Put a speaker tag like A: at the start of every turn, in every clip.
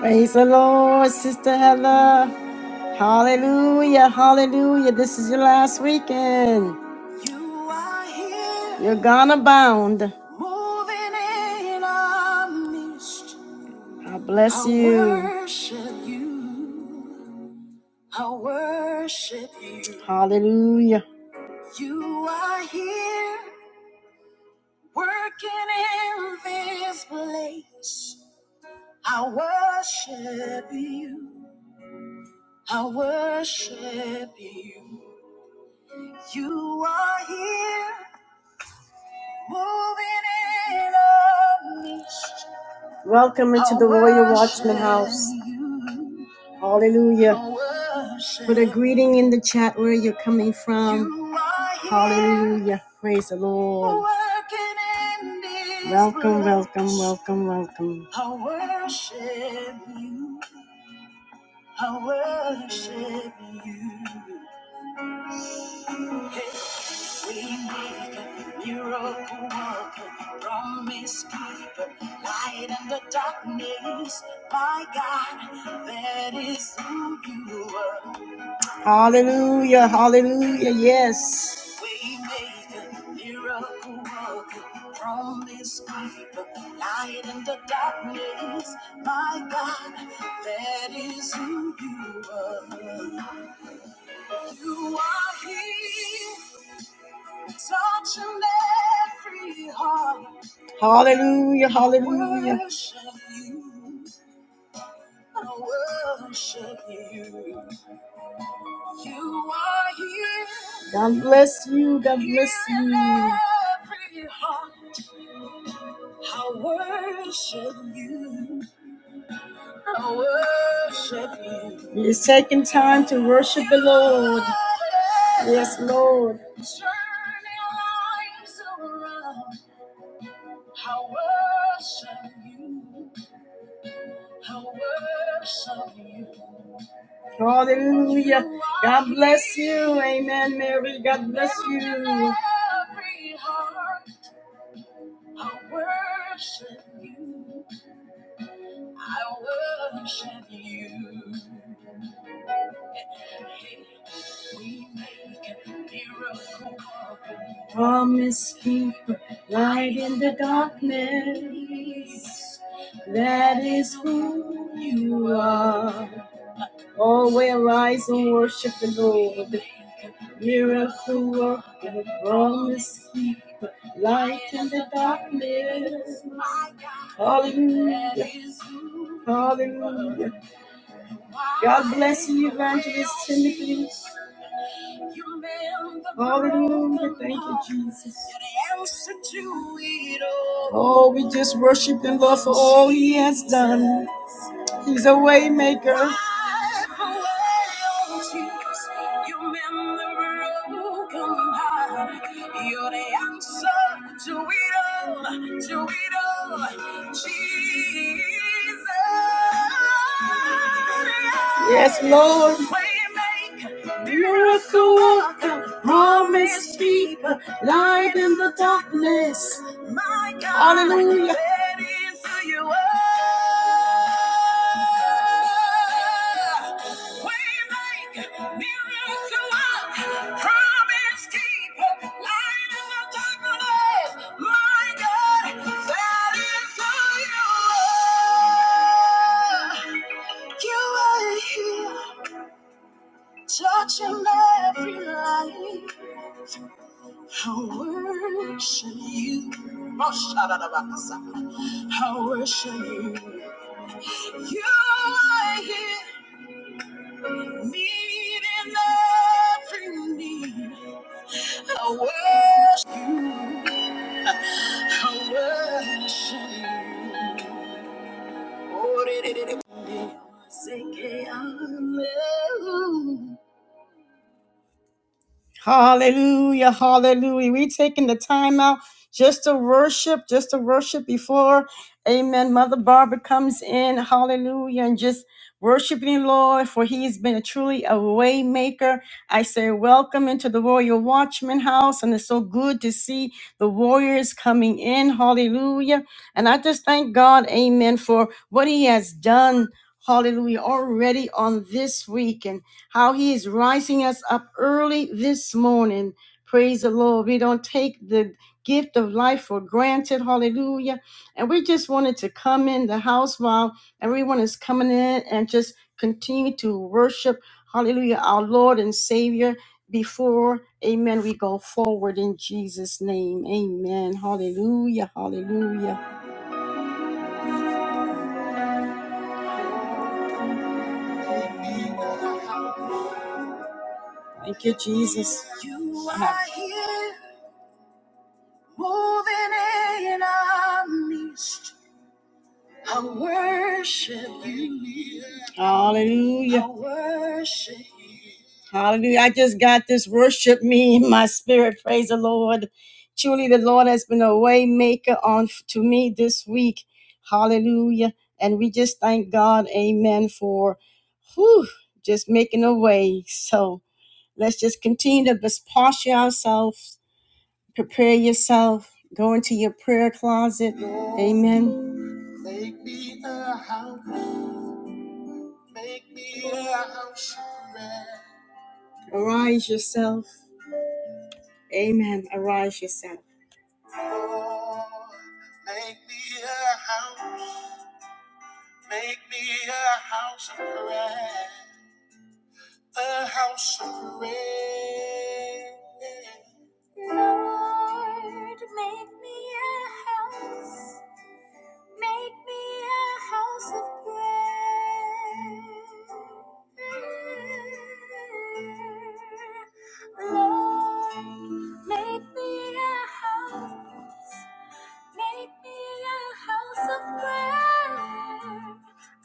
A: Praise the Lord, Sister Heather. Hallelujah, hallelujah. This is your last weekend. You are here. You're gone abound. Moving in our midst. I bless I you. worship you. I worship you. Hallelujah. You are here working in this place. I worship you. I worship you. You are here, moving in on me. Welcome into the I Royal Watchman worship House. you. Hallelujah. I worship Put a greeting in the chat where you're coming from. You are here, Hallelujah. Praise the Lord. working in this Welcome, welcome, place. welcome, welcome. I worship you. I worship you. Hey, We make a miracle worker, promise keeper, light in the darkness. My God, that is who you are. Hallelujah, hallelujah, yes. We make a miracle worker, promise keeper, light in the darkness. My God, that is who you are. You are here. Touching every heart. Hallelujah, hallelujah. I worship you. You are here. God bless you. God bless you. every heart. I worship you. I worship you. It's taking time to worship the Lord. Yes, Lord. Turn your lives around. I worship you. I worship you. Hallelujah. God bless you. Amen, Mary. God bless you. With Every heart, I worship you. I worship you. Promise keeper, light in the darkness. That is who you are. Oh, we rise and worship the Lord. Miracle worker, promise keeper, light in the darkness. Hallelujah. Hallelujah. God bless you, Evangelist Timothy. Hallelujah. Thank you, Jesus. Oh, we just worship and love for all he has done. He's a way maker. You're the answer to it all, to it all, Jesus. Yes, Lord. Waymaker, Miracle worker, promise keeper, light in the darkness. My God, Hallelujah. let you up. Waymaker, miracle, promise keeper, light in the darkness. My God, that is who you are. You are here, touching every life. I worship you. Oh, shout out about I worship you. You are here, meeting every need. I worship you. I worship you. Oh, did it, did it. Say, "Hey, hallelujah." Hallelujah, hallelujah. We taking the time out just to worship, just to worship before, amen. Mother Barbara comes in, hallelujah, and just worshiping the Lord, for he's been truly a way maker. I say welcome into the Royal Watchman House, and it's so good to see the warriors coming in, hallelujah. And I just thank God, amen, for what he has done, hallelujah, already on this week how he is rising us up early this morning. Praise the Lord. We don't take the gift of life for granted. Hallelujah. And we just wanted to come in the house while everyone is coming in and just continue to worship. Hallelujah. Our Lord and Savior before, amen, we go forward in Jesus' name. Amen. Hallelujah. Hallelujah. Thank you, Jesus. You are here, moving in our midst. I worship you. Hallelujah. I worship you. Hallelujah. I just got this worship me in my spirit. Praise the Lord. Truly, the Lord has been a way maker on to me this week. Hallelujah. And we just thank God, amen, for whew, just making a way. So let's just continue to just posture ourselves, prepare yourself, go into your prayer closet. Amen. Make me a house. Make me a house of prayer. Arise yourself. Amen. Arise yourself. Lord, make me a house. Make me a house of prayer. A house of prayer. Lord, make me a house. Make me a house of prayer. Lord, make me a house. Make me a house of prayer,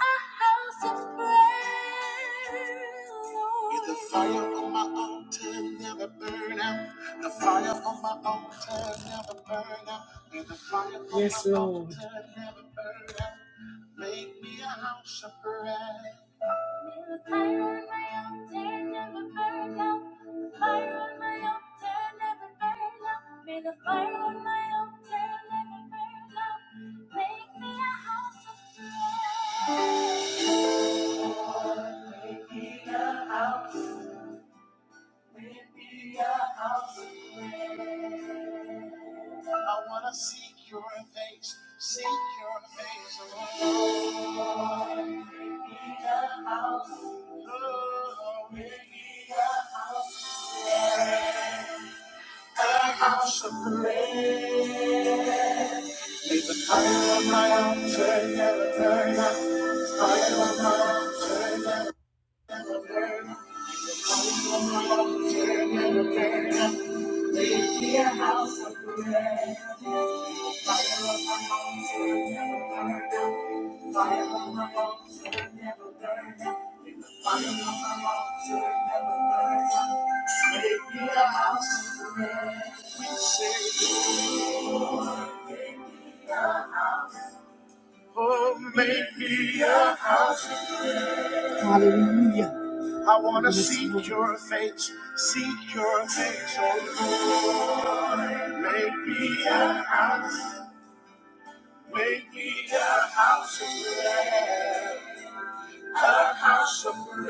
A: a house of prayer, Lord. May the fire on my altar never burn out. The fire on my altar never burn out. May the fire on yes, my Lord. altar never burn out. Make me a house of prayer. May the fire on my altar never burn out. May the fire on my altar never burn out. Make me a house of prayer. Make me a house I wanna seek your face, seek your face, oh Lord. Make me a house, oh, make me a house, a house of prayer. I am my own treasure, never turn. I walk in, never burn. Be a house of prayer. Fire on my altar, never burn. Fire on my altar, never burn. Fire on my altar, never burn. Let it be a house of prayer. We say, Lord, Oh, make me a house. Hallelujah. I want to Yes, seek Lord. your face, seek your face, oh Lord. Make me a house, make me a house of prayer, a house of prayer.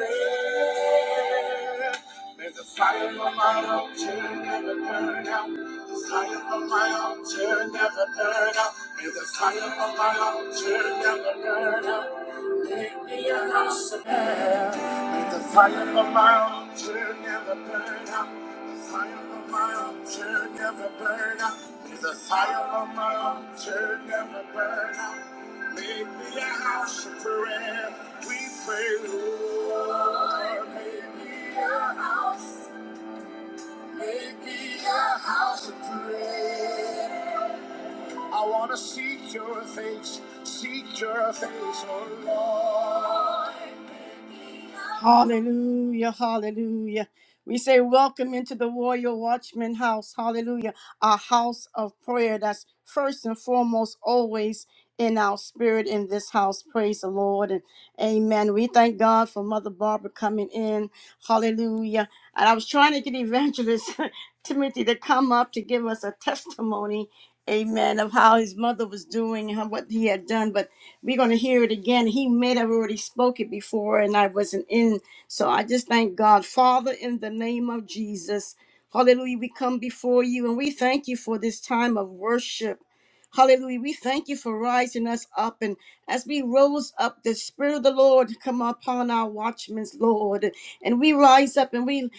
A: May the fire of my altar never burn out. The fire of my altar never burn out. May the fire of my altar never burn out. Make me a house of prayer. May the fire of my altar never burn out. The fire of my altar never burn out. May the fire of my altar never burn out. Make me a house of prayer. We pray, Lord. Make me a house. Make me a house of prayer. I want to seek your face, seek your face, oh Lord. Hallelujah, hallelujah. We say, Welcome into the Royal Watchman house. Hallelujah. A house of prayer that's first and foremost always in our spirit in this house. Praise the Lord. And amen. We thank God for Mother Barbara coming in. Hallelujah. And I was trying to get Evangelist Timothy to come up to give us a testimony amen, of how his mother was doing and how- what he had done. But we're going to hear it again. He may have already spoke it before, and I wasn't in. So I just thank God. Father, in the name of Jesus, hallelujah, we come before you and we thank you for this time of worship. Hallelujah. We thank you for rising us up. And as we rose up, the Spirit of the Lord come upon our watchmen, Lord. And we rise up and we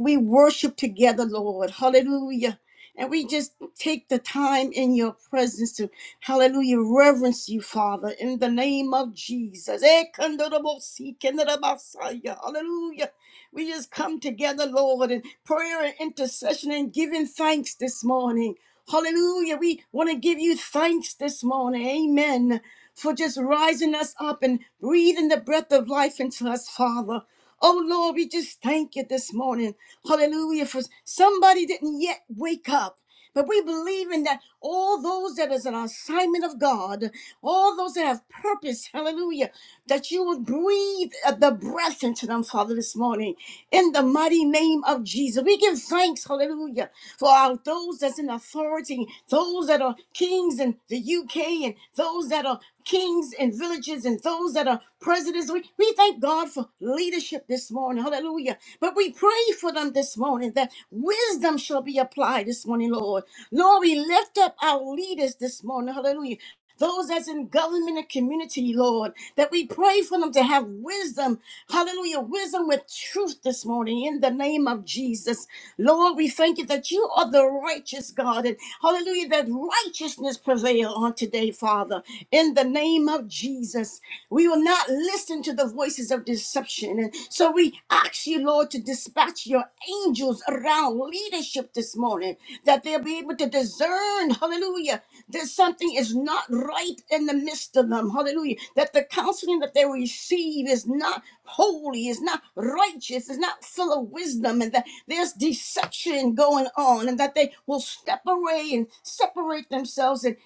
A: we worship together, Lord. Hallelujah. And we just who take the time in your presence to, hallelujah, reverence you, Father, in the name of Jesus. Eh, kandarabosi, kandarabasaya. Hallelujah. We just come together, Lord, in prayer and intercession and giving thanks this morning. Hallelujah. We want to give you thanks this morning. Amen. For just rising us up and breathing the breath of life into us, Father. Oh Lord, we just thank you this morning. Hallelujah. For somebody didn't yet wake up. But we believe in that all those that is an assignment of God, all those that have purpose, hallelujah, that you will breathe uh, the breath into them, Father, this morning, in the mighty name of Jesus. We give thanks, hallelujah for our, those that's in authority, those that are kings in the UK, and those that are kings in villages, and those that are presidents. We, we thank God for leadership this morning. Hallelujah. But we pray for them this morning that wisdom shall be applied this morning, Lord. Lord, we lift up our leaders this morning. Hallelujah those that's in government and community, Lord, that we pray for them to have wisdom, hallelujah, wisdom with truth this morning in the name of Jesus. Lord, we thank you that you are the righteous God, and hallelujah, that righteousness prevail on today, Father, in the name of Jesus. We will not listen to the voices of deception, and so we ask you, Lord. Lord, to dispatch your angels around leadership this morning, that they'll be able to discern, hallelujah, that something is not right in the midst of them, hallelujah, that the counseling that they receive is not holy, is not righteous, is not full of wisdom, and that there's deception going on, and that they will step away and separate themselves and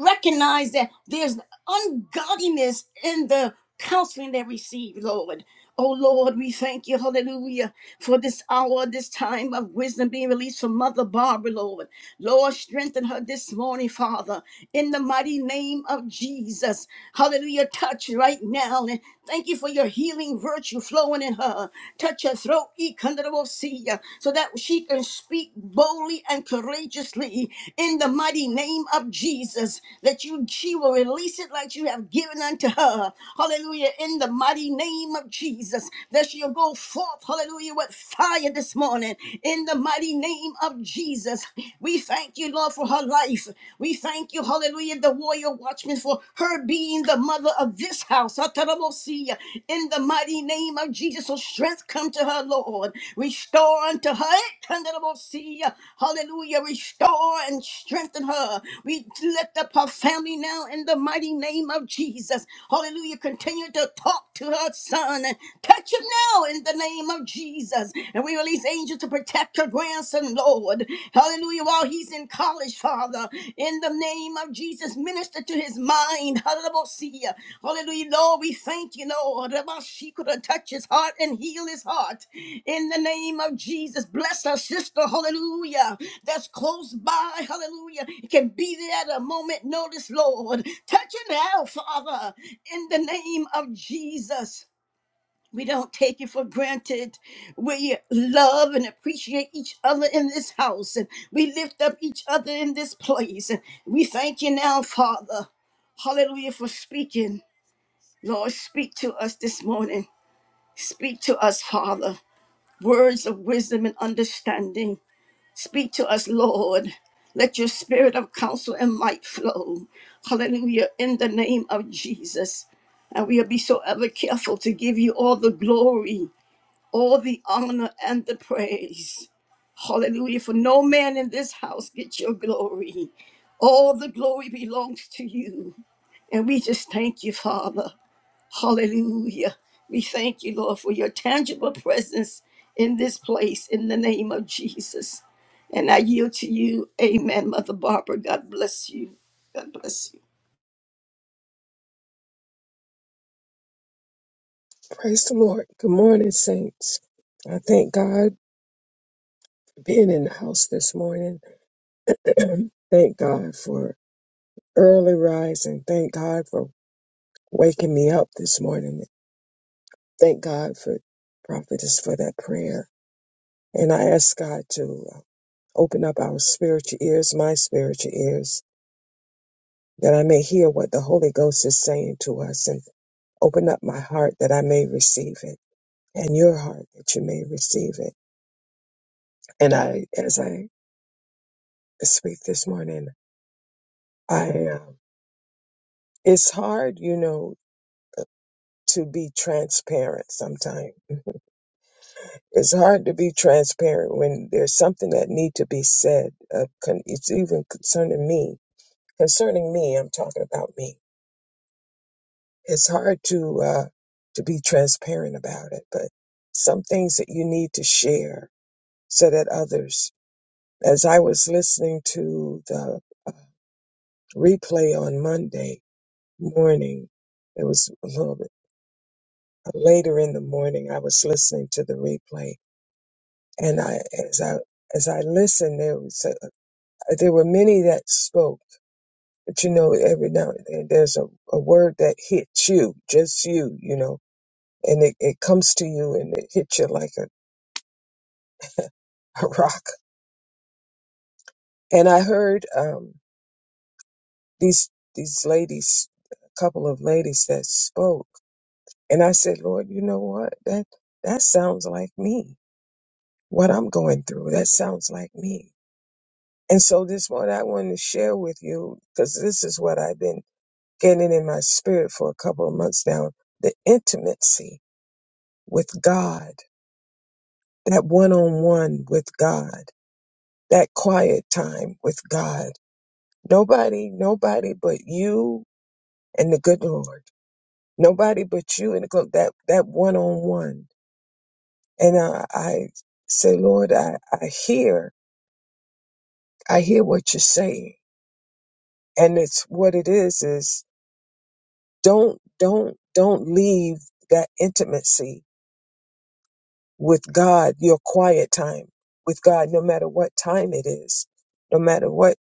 A: recognize that there's ungodliness in the counseling they receive, Lord. Oh Lord, we thank you, hallelujah, for this hour, this time of wisdom being released from Mother Barbara, Lord. Lord, strengthen her this morning, Father, in the mighty name of Jesus. Hallelujah. Touch right now. And thank you for your healing virtue flowing in her. Touch her throat, Ikandarabosia, so that she can speak boldly and courageously in the mighty name of Jesus. That you she will release it like you have given unto her. Hallelujah. In the mighty name of Jesus. That she'll go forth, hallelujah, with fire this morning. in in the mighty name of Jesus. We thank you, Lord, for her life. We thank you, hallelujah, the warrior watchman for her being the mother of this house. Ataramosia. In the mighty name of Jesus, so strength come to her, Lord. Restore unto her. Ataramosia. Hallelujah. Restore and strengthen her. We lift up her family now in the mighty name of Jesus. Hallelujah. Continue to talk to her son and touch him now in the name of of Jesus. And we release angels to protect your grandson, Lord. Hallelujah. While he's in college, Father, in the name of Jesus, minister to his mind. Hallelujah. Hallelujah. Lord, we thank you, Lord. She could touch his heart and heal his heart. In the name of Jesus, bless our sister. Hallelujah. That's close by. Hallelujah. It can be there at a moment notice, Lord. Touch her now, Father. In the name of Jesus. We don't take it for granted. We love and appreciate each other in this house, and we lift up each other in this place. And we thank you now, Father. Hallelujah for speaking. Lord, speak to us this morning. Speak to us, Father. Words of wisdom and understanding. Speak to us, Lord. Let your spirit of counsel and might flow. Hallelujah. In the name of Jesus. And we'll be so ever careful to give you all the glory all the honor and the praise. Hallelujah. For no man in this house gets your glory. All the glory belongs to you. And we just thank you, Father. Hallelujah. We thank you, Lord, for your tangible presence in this place in the name of Jesus. And I yield to you. Amen, Mother Barbara. God bless you. God bless you.
B: Praise the Lord. Good morning, saints. I thank God for being in the house this morning. thank God for early rising. Thank God for waking me up this morning. Thank God for prophetess for that prayer. And I ask God to uh, open up our spiritual ears, my spiritual ears, that I may hear what the Holy Ghost is saying to us and open up my heart that I may receive it and your heart that you may receive it. And I, as I speak this morning, I am. It's hard, you know, to be transparent sometimes. It's hard to be transparent when there's something that need to be said. Uh, con- it's even concerning me. Concerning me, I'm talking about me. It's hard to uh, to be transparent about it, but some things that you need to share so that others. As I was listening to the uh, replay on Monday morning, it was a little bit. later in the morning i was listening to the replay and i as i as i listened there was a, there were many that spoke but you know every now and then there's a, a word that hits you just you you know and it, it comes to you and it hits you like a, a rock and i heard um these these ladies a couple of ladies that spoke and i said lord you know what that that sounds like me what i'm going through that sounds like me And so this morning I wanted to share with you, because this is what I've been getting in my spirit for a couple of months now, the intimacy with God, that one-on-one with God, that quiet time with God. Nobody, nobody but you and the good Lord. Nobody but you and the good, that, that one-on-one. And I, I say, Lord, I, I hear, I hear what you're saying. And it's what it is, is is. don't don't don't leave that intimacy with god your quiet time with god no matter what time it is no matter what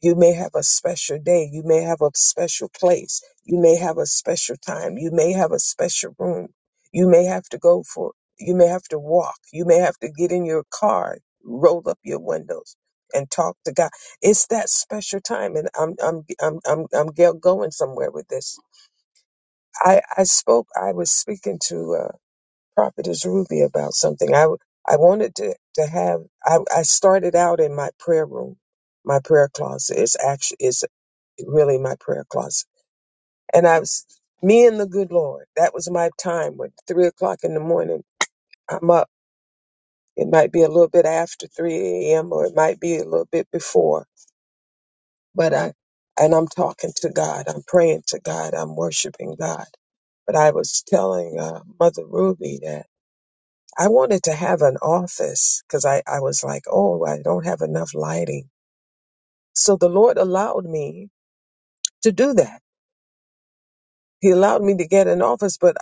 B: you may have a special day you may have a special place you may have a special time you may have a special room you may have to go for you may have to walk you may have to get in your car roll up your windows and talk to god it's that special time and i'm i'm i'm i'm, I'm go- going somewhere with this I, I spoke, I was speaking to uh, Prophetess Ruby about something. I, w- I wanted to, to have, I, I started out in my prayer room, my prayer closet. It's actually, it's really my prayer closet. And I was, me and the good Lord, that was my time when three o'clock in the morning, I'm up. It might be a little bit after 3 a.m. or it might be a little bit before, but I, and I'm talking to God. I'm praying to God. I'm worshiping God. But I was telling uh, Mother Ruby that I wanted to have an office because I, I was like, oh, I don't have enough lighting. So the Lord allowed me to do that. He allowed me to get an office, but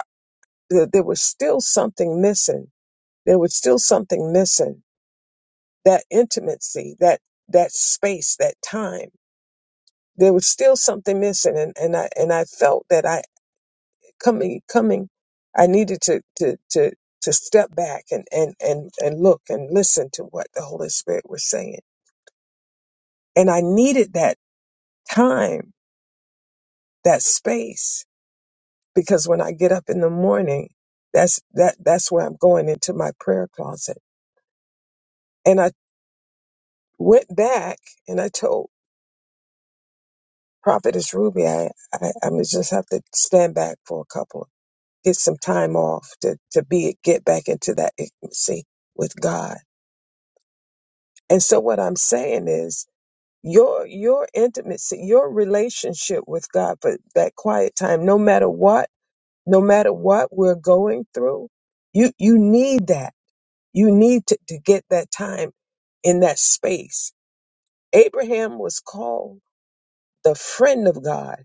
B: th- there was still something missing. There was still something missing. That intimacy, that that space, that time. There was still something missing, and, and I and I felt that I coming coming, I needed to to to to step back and and and and look and listen to what the Holy Spirit was saying, and I needed that time, that space. Because when I get up in the morning, that's that that's where I'm going into my prayer closet. And I went back and I told Prophetess Ruby, I I, I must just have to stand back for a couple, get some time off to to be get back into that intimacy with God. And so what I'm saying is your your intimacy, your relationship with God for that quiet time, no matter what no matter what we're going through. You you need that. You need to, to get that time in that space. Abraham was called the friend of God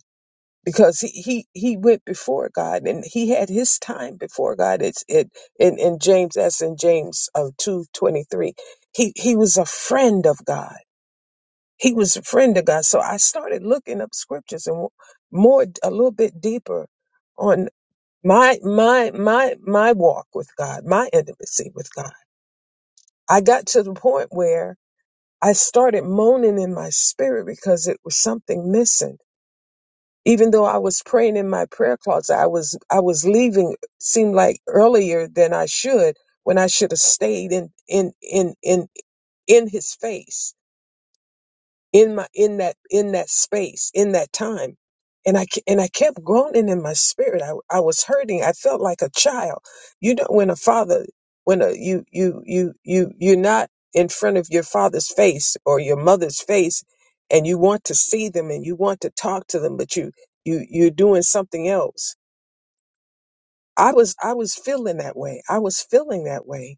B: because he he, he went before God and he had his time before God. It's it in, in James that's in James of two twenty three. He he was a friend of God. He was a friend of God. So I started looking up scriptures and more a little bit deeper my my my my walk with God, my intimacy with God. I got to the point where I started moaning in my spirit because it was something missing. Even though I was praying in my prayer closet, I was I was leaving seemed like earlier than I should when I should have stayed in in in in in his face in my in that in that space in that time and i ke- and i kept groaning in my spirit i, I was hurting i felt like a child you know when a father when a, you you you you you're not in front of your father's face or your mother's face and you want to see them and you want to talk to them but you you you're doing something else i was i was feeling that way i was feeling that way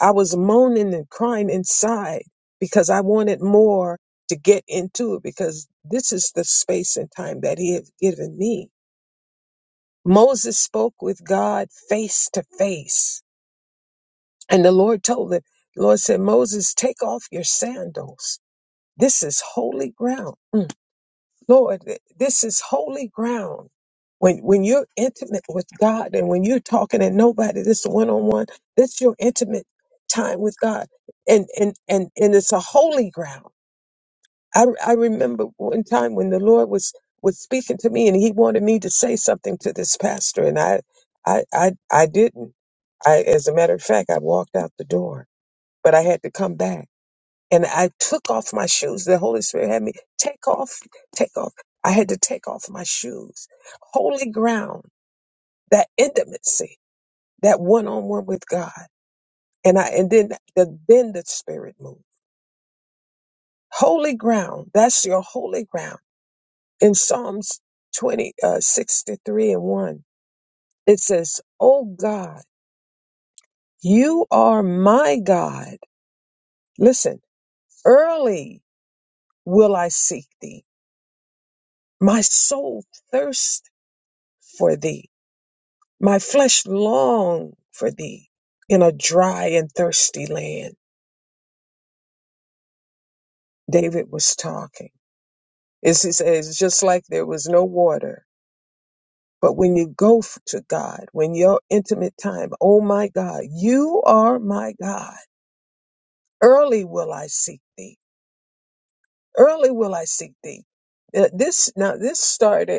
B: I was moaning and crying inside because I wanted more to get into it because this is the space and time that he had given me. Moses spoke with God face to face. And the Lord told him, the Lord said, Moses, take off your sandals. This is holy ground. Hmm. Lord, th- this is holy ground. When when you're intimate with God and when you're talking to nobody, this one on one, that's your intimate time with God, and and and and it's a holy ground. I I remember one time when the Lord was was speaking to me and He wanted me to say something to this pastor, and I I I I didn't. I, as a matter of fact, I walked out the door, but I had to come back and I took off my shoes. The Holy Spirit had me take off, take off. I had to take off my shoes. Holy ground, that intimacy, that one on one with God. And I, and then, the, then the Spirit moved. Holy ground, that's your holy ground. In Psalms 20, uh, 63 and 1, it says, Oh God, you are my God. Listen, early will I seek thee. My soul thirsts for thee. My flesh longed for thee in a dry and thirsty land. David was talking. It's, he says, it's just like there was no water. But when you go f- to God, when your intimate time, oh my God, you are my God. Early will I seek thee. Early will I seek thee. Uh, This now this started.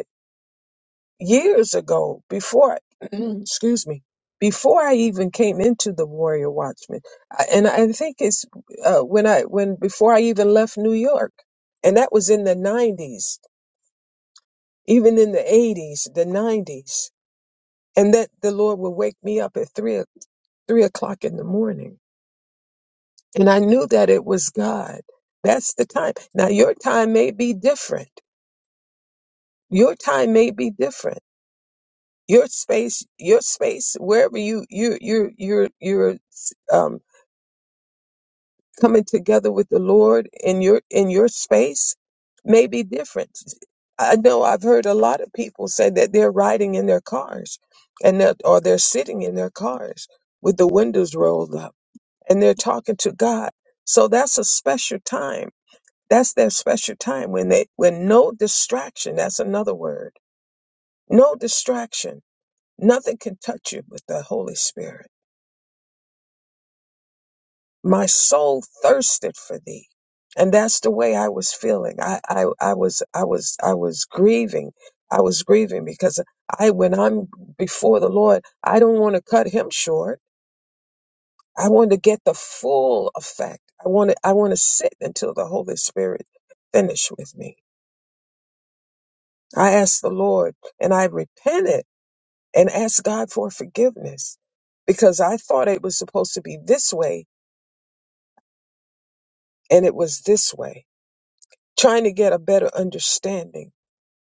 B: years ago, before, excuse me, before I even came into the Warrior Watchman, I- and I think it's uh, when I when before I even left New York, and that was in the '90s, even in the '80s, the '90s, and that the Lord would wake me up at three o- three o'clock in the morning, and I knew that it was God. That's the time. Now your time may be different. Your time may be different your space your space wherever you you you you're you're um coming together with the lord in your in your space may be different i know i've heard a lot of people say that they're riding in their cars and that or they're sitting in their cars with the windows rolled up and they're talking to god so that's a special time that's their special time when they when no distraction that's another word no distraction nothing can touch you but the holy spirit my soul thirsted for thee and that's the way i was feeling I, I i was i was i was grieving i was grieving because i when i'm before the lord i don't want to cut him short i want to get the full effect i want to i want to sit until the holy spirit finish with me i asked the lord and i repented and asked god for forgiveness because i thought it was supposed to be this way and it was this way trying to get a better understanding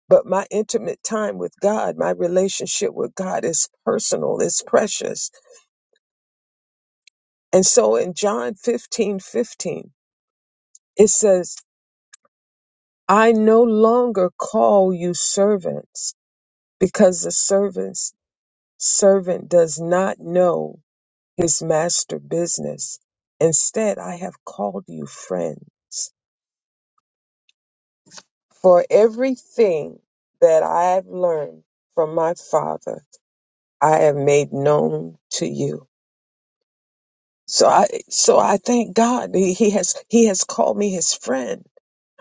B: But my intimate time with God, my relationship with God is personal, it's precious. And so in John 15 15, it says, I no longer call you servants because the servant's servant does not know his master business. Instead, I have called you friends. For everything that I have learned from my Father, I have made known to you. So I so I thank God that he has he has called me his friend,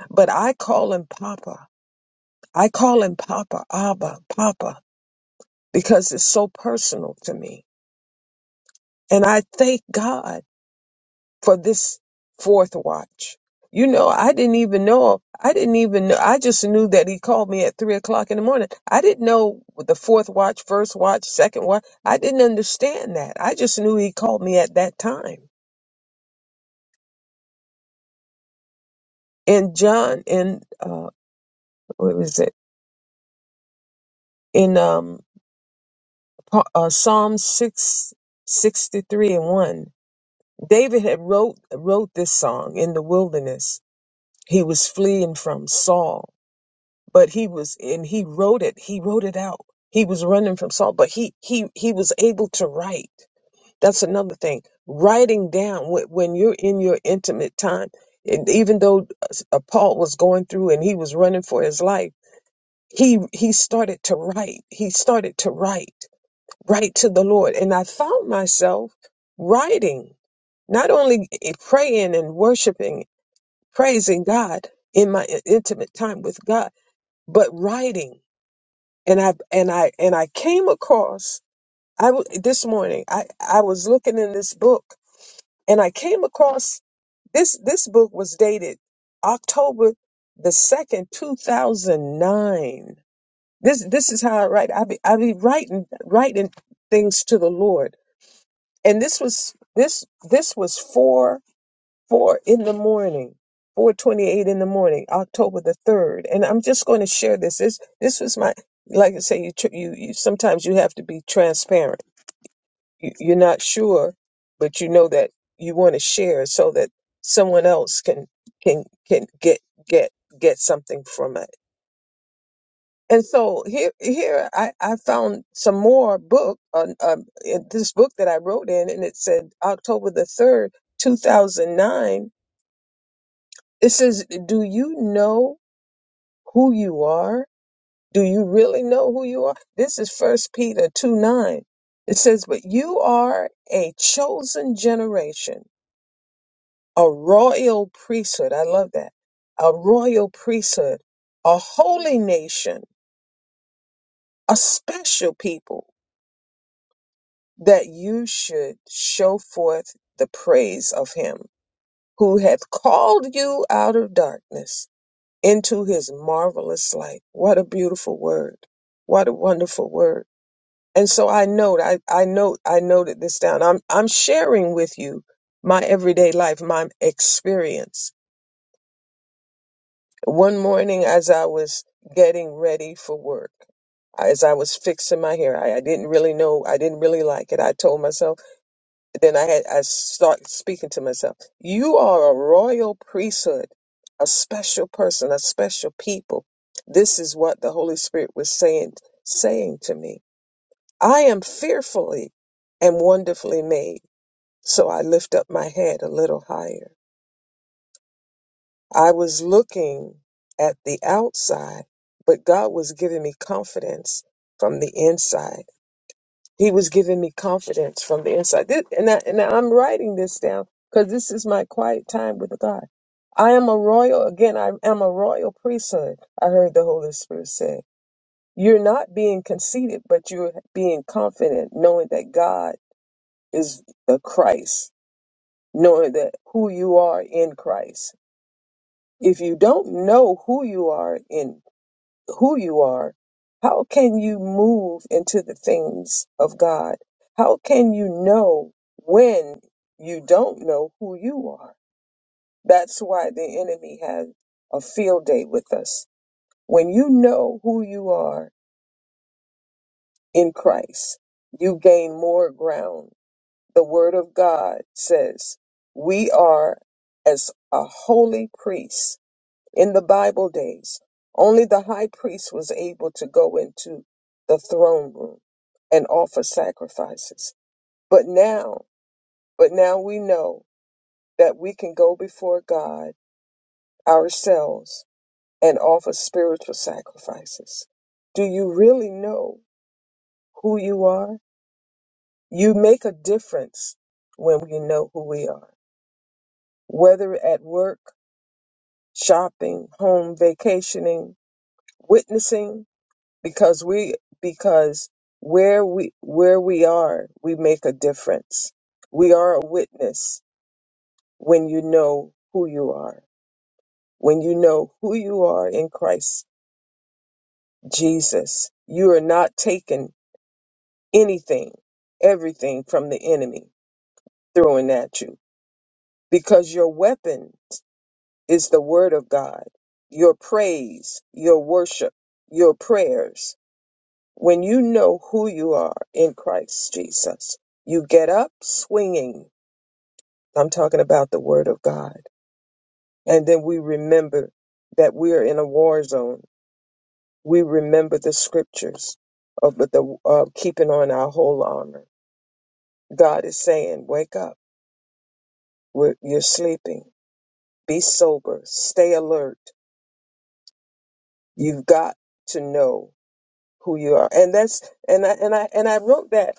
B: but I call him Papa. I call him Papa, Abba, Papa, because it's so personal to me. And I thank God for this fourth watch. You know, I didn't even know. I didn't even know. I just knew that he called me at three o'clock in the morning. I didn't know the fourth watch, first watch, second watch. I didn't understand that. I just knew he called me at that time. And John, in uh, what was it? in um, Pa- uh, Psalm 6 63 and 1. David had wrote, wrote this song in the wilderness. He was fleeing from Saul, but he was, and he wrote it, he wrote it out. He was running from Saul, but he, he, he was able to write. That's another thing. Writing down wh- when you're in your intimate time, and even though uh, Paul was going through and he was running for his life, he, he started to write. He started to write right to the Lord. And I found myself writing, not only praying and worshiping, praising God in my intimate time with God, but writing. And I and I and I came across I w- this morning I I was looking in this book and I came across this this book was dated October the second, two thousand nine. This this is how I write. I be I be writing writing things to the Lord and this was this this was four four in the morning 428 in the morning october the 3rd and i'm just going to share this this this was my like i say you tr- you, you sometimes you have to be transparent you, you're not sure but you know that you want to share so that someone else can can can get get get something from it and so here, here I, I found some more book on um, in this book that I wrote in, and it said October the third, two thousand nine. It says, "Do you know who you are? Do you really know who you are?" This is First Peter two nine. It says, "But you are a chosen generation, a royal priesthood." I love that, a royal priesthood, a holy nation, a special people that you should show forth the praise of him who hath called you out of darkness into his marvelous light. What a beautiful word. What a wonderful word. And so I note, I, I note, I noted this down. I'm, I'm sharing with you my everyday life, my experience. One morning as I was getting ready for work, as I was fixing my hair, I, I didn't really know, I didn't really like it. I told myself, then I had I start speaking to myself. You are a royal priesthood, a special person, a special people. This is what the Holy Spirit was saying saying to me. I am fearfully and wonderfully made. So I lift up my head a little higher. I was looking at the outside, but God was giving me confidence from the inside. He was giving me confidence from the inside. This, and, I, and I'm writing this down because this is my quiet time with God. I am a royal, again, I am a royal priesthood, I heard the Holy Spirit say. You're not being conceited, but you're being confident, knowing that God is the Christ, knowing that who you are in Christ. If you don't know who you are in who you are, how can you move into the things of God? How can you know when you don't know who you are? That's why the enemy has a field day with us. When you know who you are in Christ, you gain more ground. The Word of God says, We are as a holy priest In the Bible days, only the high priest was able to go into the throne room and offer sacrifices. But now, but now we know that we can go before God ourselves and offer spiritual sacrifices. Do you really know who you are? You make a difference when we know who we are, whether at work, shopping, home, vacationing, witnessing, because we because where we where we are we make a difference we are a witness when you know who you are when you know who you are in christ jesus you are not taking anything everything from the enemy throwing at you because your weapon is the word of god your praise your worship your prayers When you know who you are in Christ Jesus, you get up swinging. I'm talking about the Word of God. And then we remember that we are in a war zone. We remember the scriptures of the of keeping on our whole armor. God is saying, "Wake up! We're, you're sleeping. Be sober. Stay alert. You've got to know who you are." And that's and I and I and I wrote that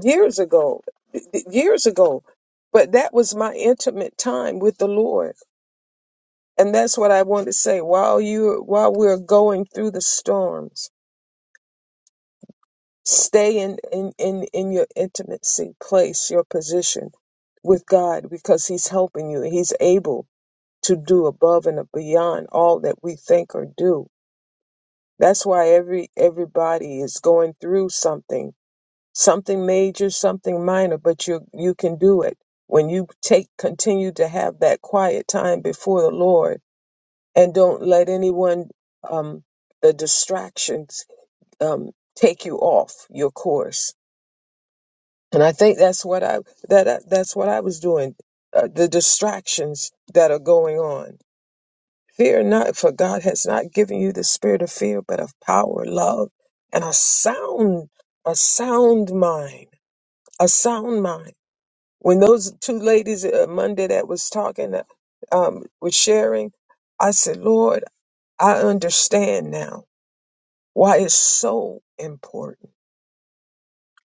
B: years ago, years ago. But that was my intimate time with the Lord. And that's what I want to say. While you while we're going through the storms, stay in, in, in, in your intimacy place, your position with God, because He's helping you. He's able to do above and beyond all that we think or do. That's why every everybody is going through something something major, something minor, but you you can do it. When you take continue to have that quiet time before the Lord and don't let anyone um the distractions um take you off your course. And I think that's what I that I, that's what I was doing. Uh, the distractions that are going on. Fear not, for God has not given you the spirit of fear, but of power, love, and a sound a sound mind, a sound mind. when those two ladies uh, Monday that was talking uh, um, was sharing, I said, Lord, I understand now why it's so important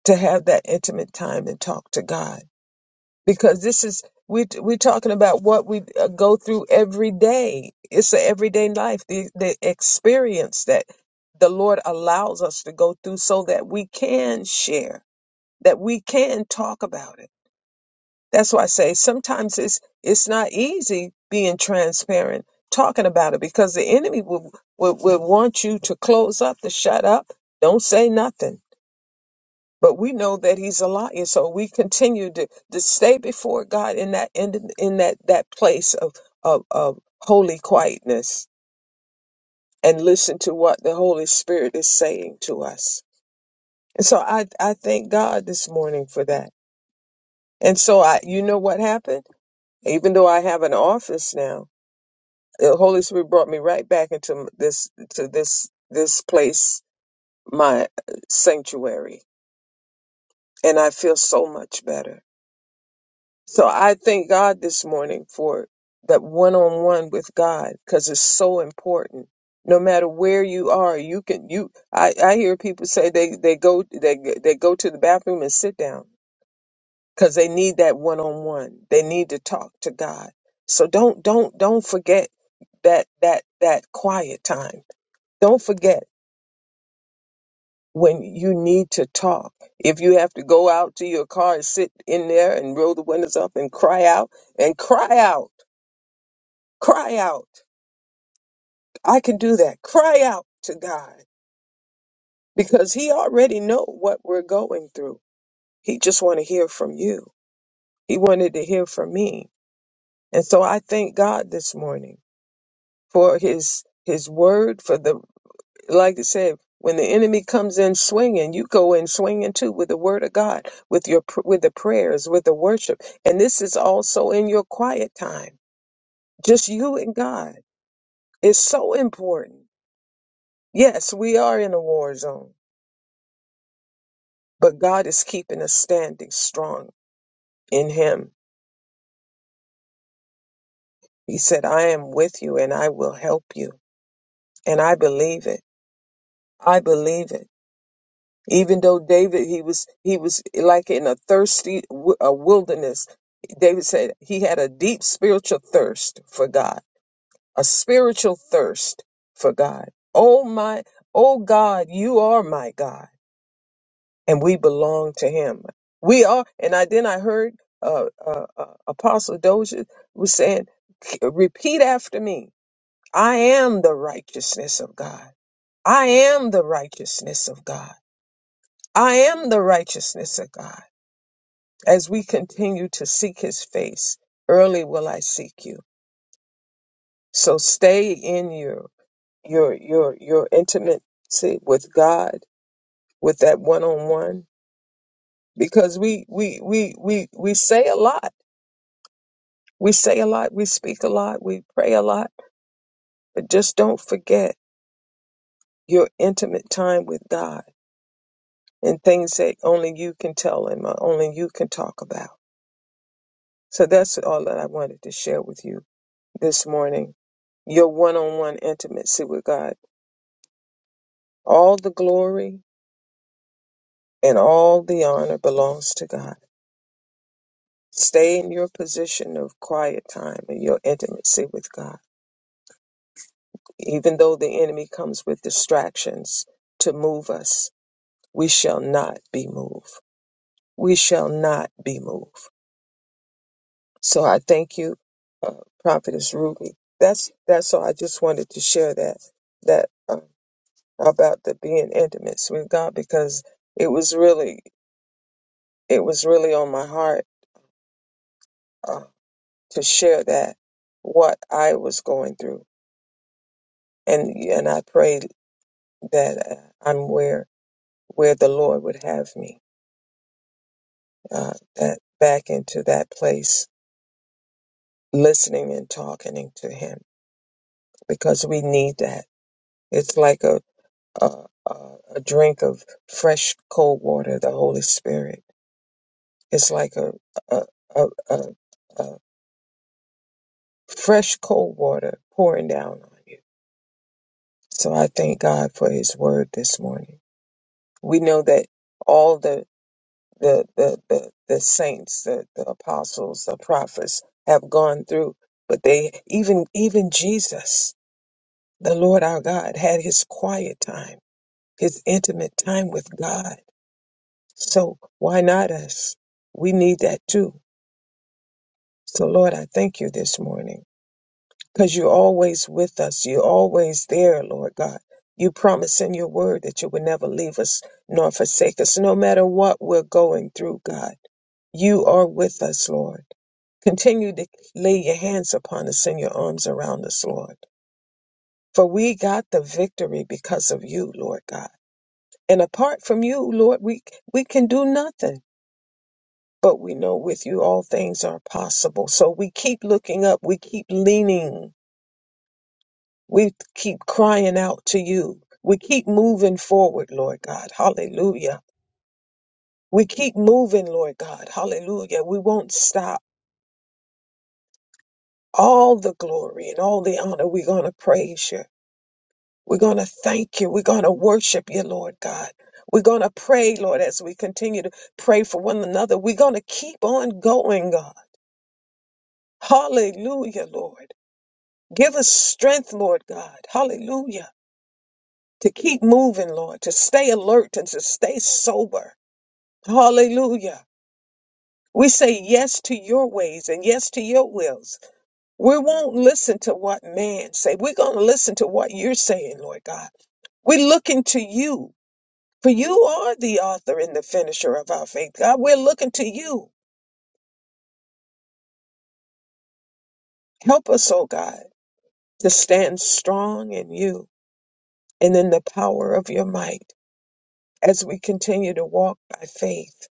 B: to have that intimate time and talk to God because this is we we're talking about what we uh, go through every day. It's the everyday life, the the experience that the Lord allows us to go through so that we can share, that we can talk about it That's why I say sometimes it's it's not easy being transparent, talking about it, because the enemy will will, will want you to close up, to shut up, don't say nothing. But we know that he's a liar, so we continue to, to stay before God in that in, in that that place of, of of holy quietness and listen to what the Holy Spirit is saying to us. And so I I thank God this morning for that. And so I you know what happened? Even though I have an office now, the Holy Spirit brought me right back into this to this this place, my sanctuary, and I feel so much better. So I thank God this morning for that one-on-one with God because it's so important. No matter where you are, you can you. I, I hear people say they they go they they go to the bathroom and sit down because they need that one-on-one. They need to talk to God. So don't don't don't forget that that that quiet time don't forget when you need to talk. If you have to go out to your car and sit in there and roll the windows up and cry out and cry out, cry out. I can do that. Cry out to God because he already know what we're going through. He just want to hear from you. He wanted to hear from me. And so I thank God this morning for his his word for the like I said, when the enemy comes in swinging, you go in swinging too with the word of God, with your pr- with the prayers, with the worship, and this is also in your quiet time, just you and God. It's so important. Yes, we are in a war zone, but God is keeping us standing strong in Him. He said, "I am with you, and I will help you," and I believe it. I believe it. even though david he was he was like in a thirsty wi- a wilderness david said he had a deep spiritual thirst for god a spiritual thirst for god oh my oh god you are my god and we belong to him we are and i then i heard uh, uh, uh apostle doja was saying repeat after me i am the righteousness of god i am the righteousness of god i am the righteousness of god As we continue to seek his face, early will I seek you. So stay in your your your your intimacy with God, with that one on one, because we we we we we say a lot. We say a lot, we speak a lot, we pray a lot, but just don't forget your intimate time with God and things that only you can tell him or only you can talk about. So that's all that I wanted to share with you this morning your one on one intimacy with God. All the glory and all the honor belongs to God. Stay in your position of quiet time and your intimacy with God. Even though the enemy comes with distractions to move us, we shall not be moved. We shall not be moved. So I thank you, uh, Prophetess Ruby. That's that's all. I just wanted to share that that uh, about the being intimate with God because it was really it was really on my heart uh, to share that what I was going through, and and I prayed that uh, I'm where where the Lord would have me, uh, that back into that place, listening and talking to Him, because we need that. It's like a a, a a drink of fresh cold water, the Holy Spirit. It's like a a, a, a, a fresh cold water pouring down on you. So I thank God for His Word this morning. We know that all the the the the, the saints, the, the apostles, the prophets have gone through, but they even even Jesus, the Lord our God, had his quiet time, his intimate time with God. So why not us? We need that too. So Lord, I thank you this morning because you're always with us. You're always there, Lord God. You promise in your word that you will never leave us nor forsake us, no matter what we're going through, God. You are with us, Lord. Continue to lay your hands upon us and your arms around us, Lord. For we got the victory because of you, Lord God. And apart from you, Lord, we, we can do nothing. But we know with you all things are possible. So we keep looking up. We keep leaning. We keep crying out to you. We keep moving forward, Lord God. Hallelujah. We keep moving, Lord God. Hallelujah. We won't stop. all the glory and all the honor. We're going to praise you. We're going to thank you. We're going to worship you, Lord God. We're going to pray, Lord, as we continue to pray for one another. We're going to keep on going, God. Hallelujah, Lord. Give us strength, Lord God. Hallelujah. To keep moving, Lord, to stay alert and to stay sober. Hallelujah. We say yes to your ways and yes to your wills. We won't listen to what man say. We're going to listen to what you're saying, Lord God. We're looking to you, for you are the author and the finisher of our faith. God, we're looking to you. Help us, oh God, to stand strong in you and in the power of your might as we continue to walk by faith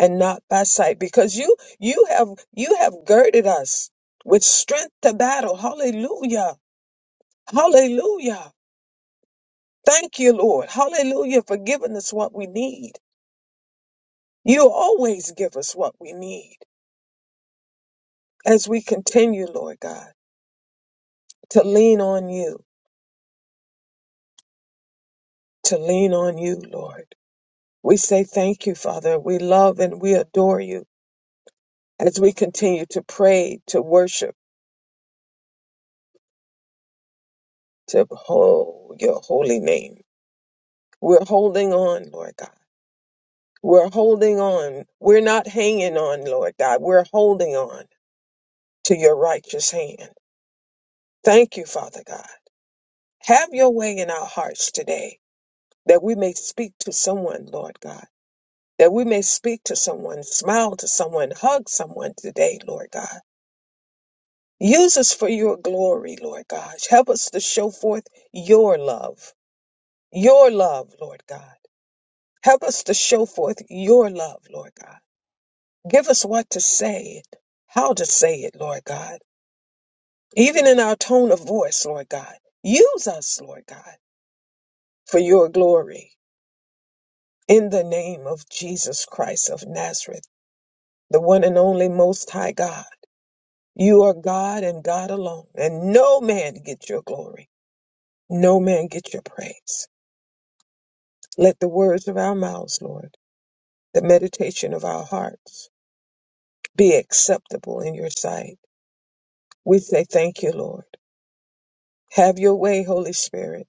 B: and not by sight because you you have you have girded us with strength to battle hallelujah hallelujah Thank you, Lord. Hallelujah for giving us what we need. You always give us what we need as we continue, Lord God, to lean on you, to lean on you, Lord. We say thank you, Father. We love and we adore you as we continue to pray, to worship, to hold your holy name. We're holding on, Lord God. We're holding on. We're not hanging on, Lord God. We're holding on to your righteous hand. Thank you, Father God. Have your way in our hearts today that we may speak to someone, Lord God, that we may speak to someone, smile to someone, hug someone today, Lord God. Use us for your glory, Lord God. Help us to show forth your love, your love, Lord God. Help us to show forth your love, Lord God. Give us what to say, how to say it, Lord God. Even in our tone of voice, Lord God. Use us, Lord God, for your glory. In the name of Jesus Christ of Nazareth, the one and only Most High God, you are God and God alone, and no man get your glory, no man get your praise. Let the words of our mouths, Lord, the meditation of our hearts be acceptable in your sight. We say thank you, Lord. Have your way, Holy Spirit.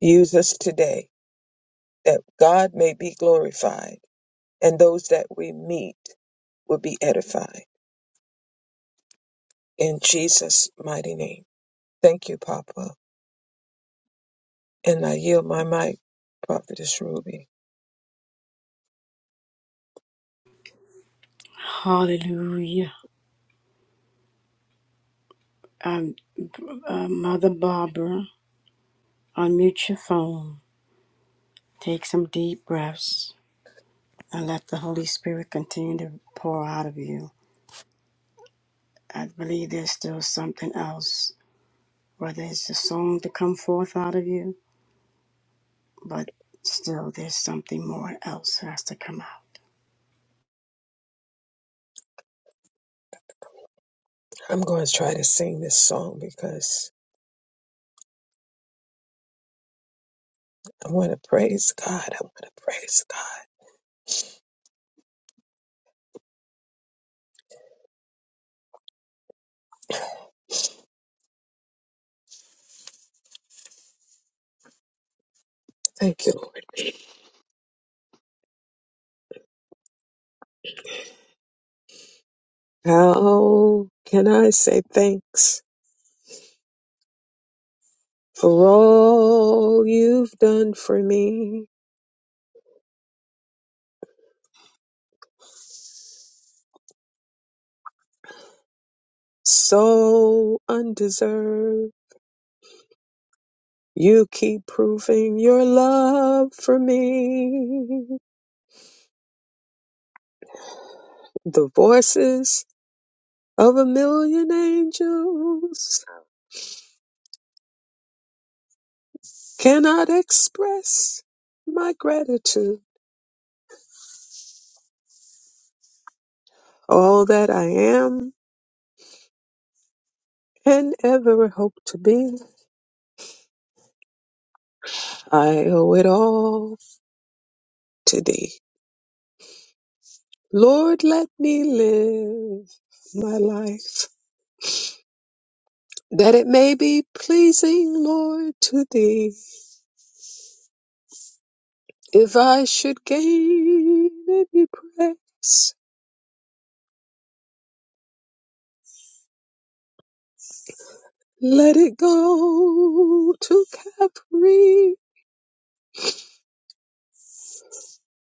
B: Use us today that God may be glorified and those that we meet will be edified. In Jesus' mighty name. Thank you, Papa. And I yield my mic, Prophetess Ruby.
A: Hallelujah. Um, uh, Mother Barbara, unmute your phone. Take some deep breaths. and let the Holy Spirit continue to pour out of you. I believe there's still something else, whether it's a song to come forth out of you, but still there's something more else has to come out.
B: I'm going to try to sing this song because I want to praise God. I want to praise God. Thank you. Lord. How can I say thanks? for all you've done for me. So undeserved, you keep proving your love for me. The voices of a million angels cannot express my gratitude. All that I am and ever hope to be, I owe it all to thee. Lord, let me live my life that it may be pleasing, Lord, to thee. If I should gain any praise, let it go to Calvary.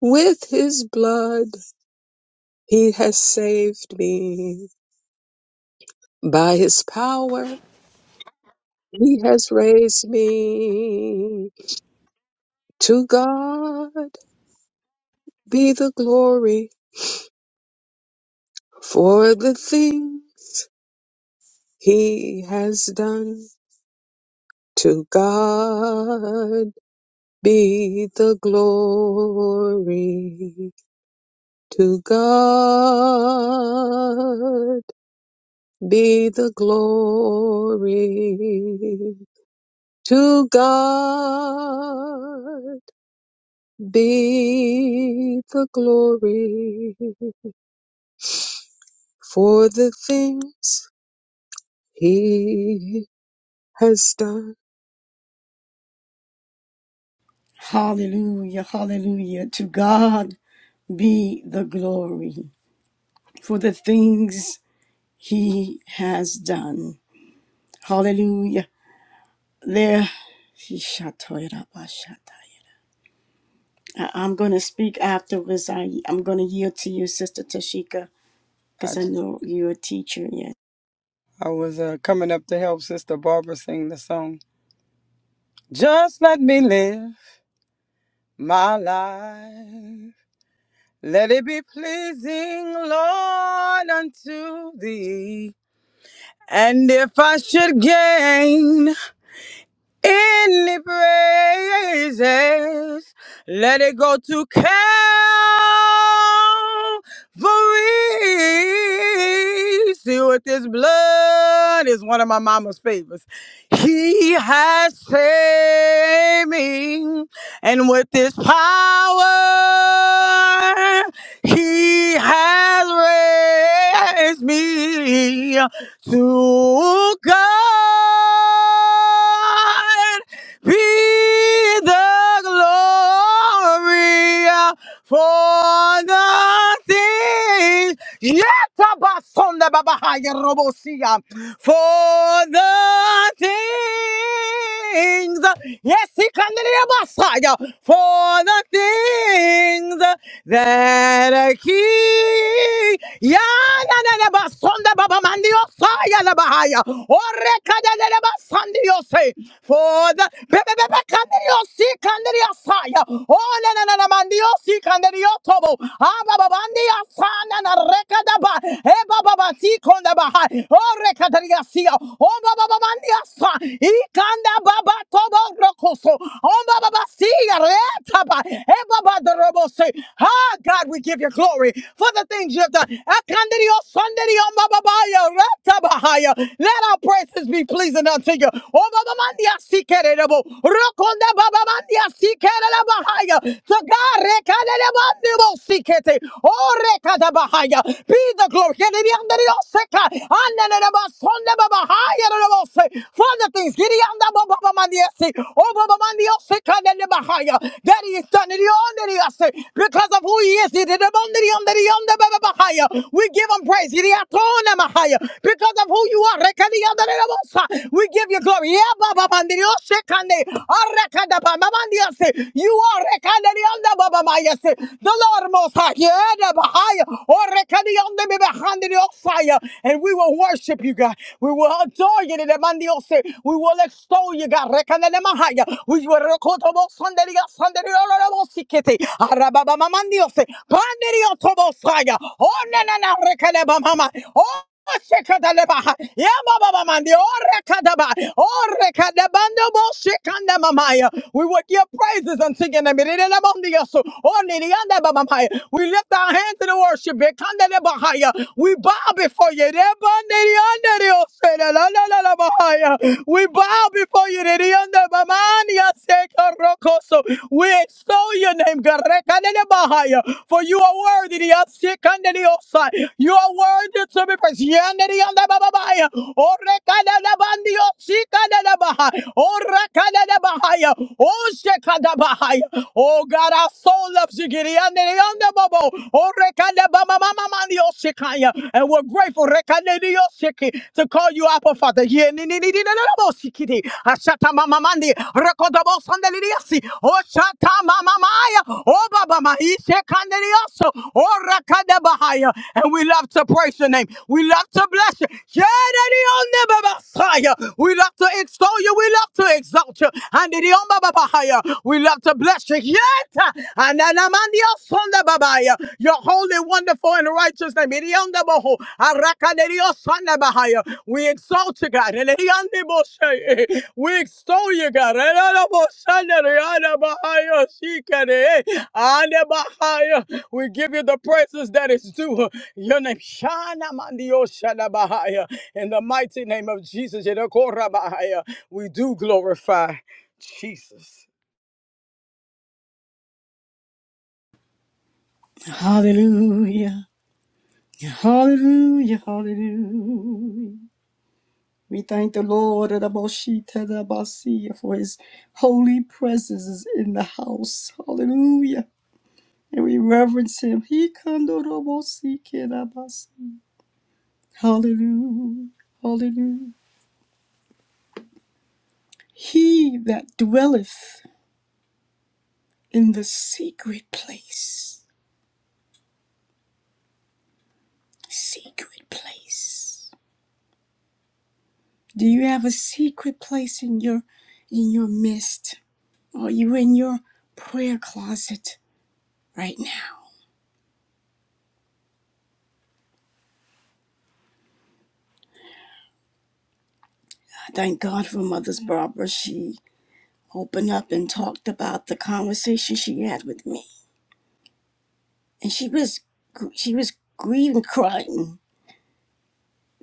B: With his blood, he has saved me. By his power, he has raised me. To God be the glory for the things he has done. To God be the glory. To God be the glory. To God be the glory for the things he has done.
A: Hallelujah, hallelujah. To God be the glory for the things he has done. Hallelujah. There. I- I'm going to speak afterwards. I, I'm going to yield to you, Sister Tashika.
C: I,
A: because I know you're a teacher yet.
C: I was uh, coming up to help Sister Barbara sing the song. Just let me live my life. Let it be pleasing, Lord, unto thee. And if I should gain In the praises, let it go to Calvary. See what this blood is one of my mama's favorites. He has saved me, and with this power, he has raised me. To God be the glory for the things Yetabasonda babahaya robosia. For the things, yes, he can Messiah. For the things that are he, Yana basonda babamandio saya la bahaya. Ore kada la basandi yose. For the bebe bebe kandio saya. Oh, na na na na mandio si kanderio tobo. Aba babandi asana na rekada ba. Eba baba si konda ba. Oh rekadaria sia. Oh baba babandi asa. Ikanda baba tobo rokoso. Oh baba baba si reta ba. Eba baba drobo se. Ah God, we give you glory for the things you have done. Akanderio sanderio baba ba ya reta ba ya. Let our praises be pleasing unto you. Oh baba mandi asi Bandibo, Rokonda baba mandia sikela bahaya. The God rekadele bandibo sikete. Oh rekada bahaya. Be the glory. Kene bi andere yo seka. Anene ne ba sonde baba haya ne ba se. Father things. Kiri anda baba baba mandia si. Oh baba mandia seka ne bahaya. That he is done it under us because of who he is. He did it under the under the under baba bahaya. We give him praise. Kiri atone mahaya because of who you are. Rekadi under the bossa. We give you glory. Yeah, Baba Mandirio Shekande. Arekada Baba Mandiase. You are Rekandari on the Baba Mayase. The Lord Most High. Yeah, the Bahaya. Or Rekandianda Behandirio Fire. And we will worship you, God. We will adore you. the Mandiose. We will extol you, God. Rekandele Mahaya. We will Rekotobo Sanderia Sanderio Robo Sikete. Arababa Mandiose. Pandirio Tobo Fire. Oh, na na na Rekanaba Mama. Oh, Shekadaleba. Yamamamamandi. Orekadaba. Orekadabando bo shekandamamaya. We will give praises unto your name. Irenemondiyasu. Oniriandabamamaya. We lift our hands in worship. Bekandelebahaya. We bow before you. Irebandiriandirioselalalalalamahaya. We bow before you. Ireriandabamaniyasekarokos. We extol your name. Garekandelebahaya. For you are worthy. Yasikandelios. You are worthy to be praised. Yandere yanda baba baya. Ore kada da bandi o si kada da baha. Ora kada da bahaya. O she kada bahaya. Oh God, our soul loves you. Giri yandere yanda babo. Ore baba mama mani o si And we're grateful rekade di o si to call you Abba Father. Ye ni ni ni ni na na na bo si Ashata mama mandi. Rekoda bo sandali di yasi. O shata mama maya. O baba ma us. Oh, Rakadabahaya. And we love to praise your name. We love to bless you. Shadadionebabasaya. We love to extol you. We love to exalt you. And idiomababahaya. we love to bless you. Yet, and anamandiosondababaya. your holy, wonderful, and righteous name. Idiondaboho. Arakaderiosondabahaya. We exalt you, God. Elediondeboshe. We extol you, God. Elelobosanderiadabahaya. Shikere. Anebahaya. We give you the praises that is due. Your name, Shana Mandio Shana In the mighty name of Jesus, Yedekora Bahaya, we do glorify Jesus.
A: Hallelujah. Hallelujah. Hallelujah. We thank the Lord and the Moshita, the Messiah, for his holy presence is in the house. Hallelujah. And we reverence him. He can do the Moshita, Hallelujah. Hallelujah. He that dwelleth in the secret place. Secret place. Do you have a secret place in your in your midst? Are you in your prayer closet right now? I Thank God for Mother's Barbara. She opened up and talked about the conversation she had with me, and she was she was grieving, crying.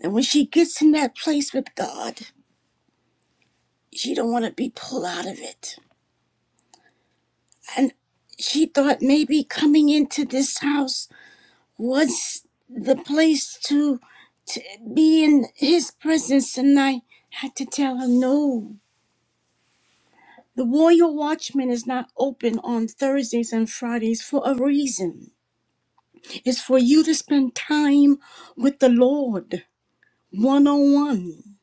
A: And when she gets in that place with God, she don't want to be pulled out of it. So it maybe coming into this house was the place to be in His presence, and I had to tell her no. The Warrior Watchman is not open on Thursdays and Fridays for a reason. It's for you to spend time with the Lord one on one.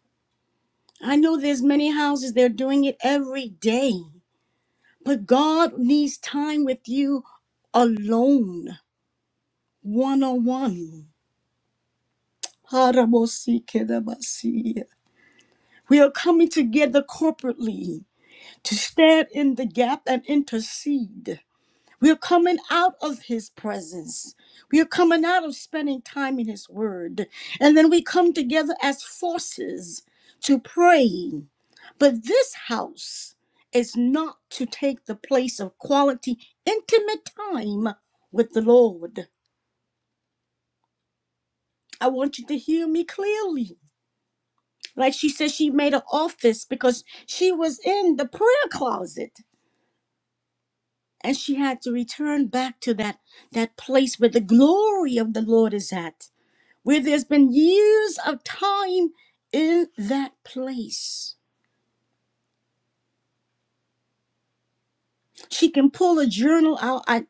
A: I know there's many houses they're doing it every day, but God needs time with you alone, one on one. We are coming together corporately to stand in the gap and intercede. We're coming out of his presence. We are coming out of spending time in his word. And then we come together as forces to pray. But this house is not to take the place of quality, intimate time with the Lord. I want you to hear me clearly. Like she said, she made an office because she was in the prayer closet and she had to return back to that, that place where the glory of the Lord is at where there's been years of time in that place. She can pull a journal out. I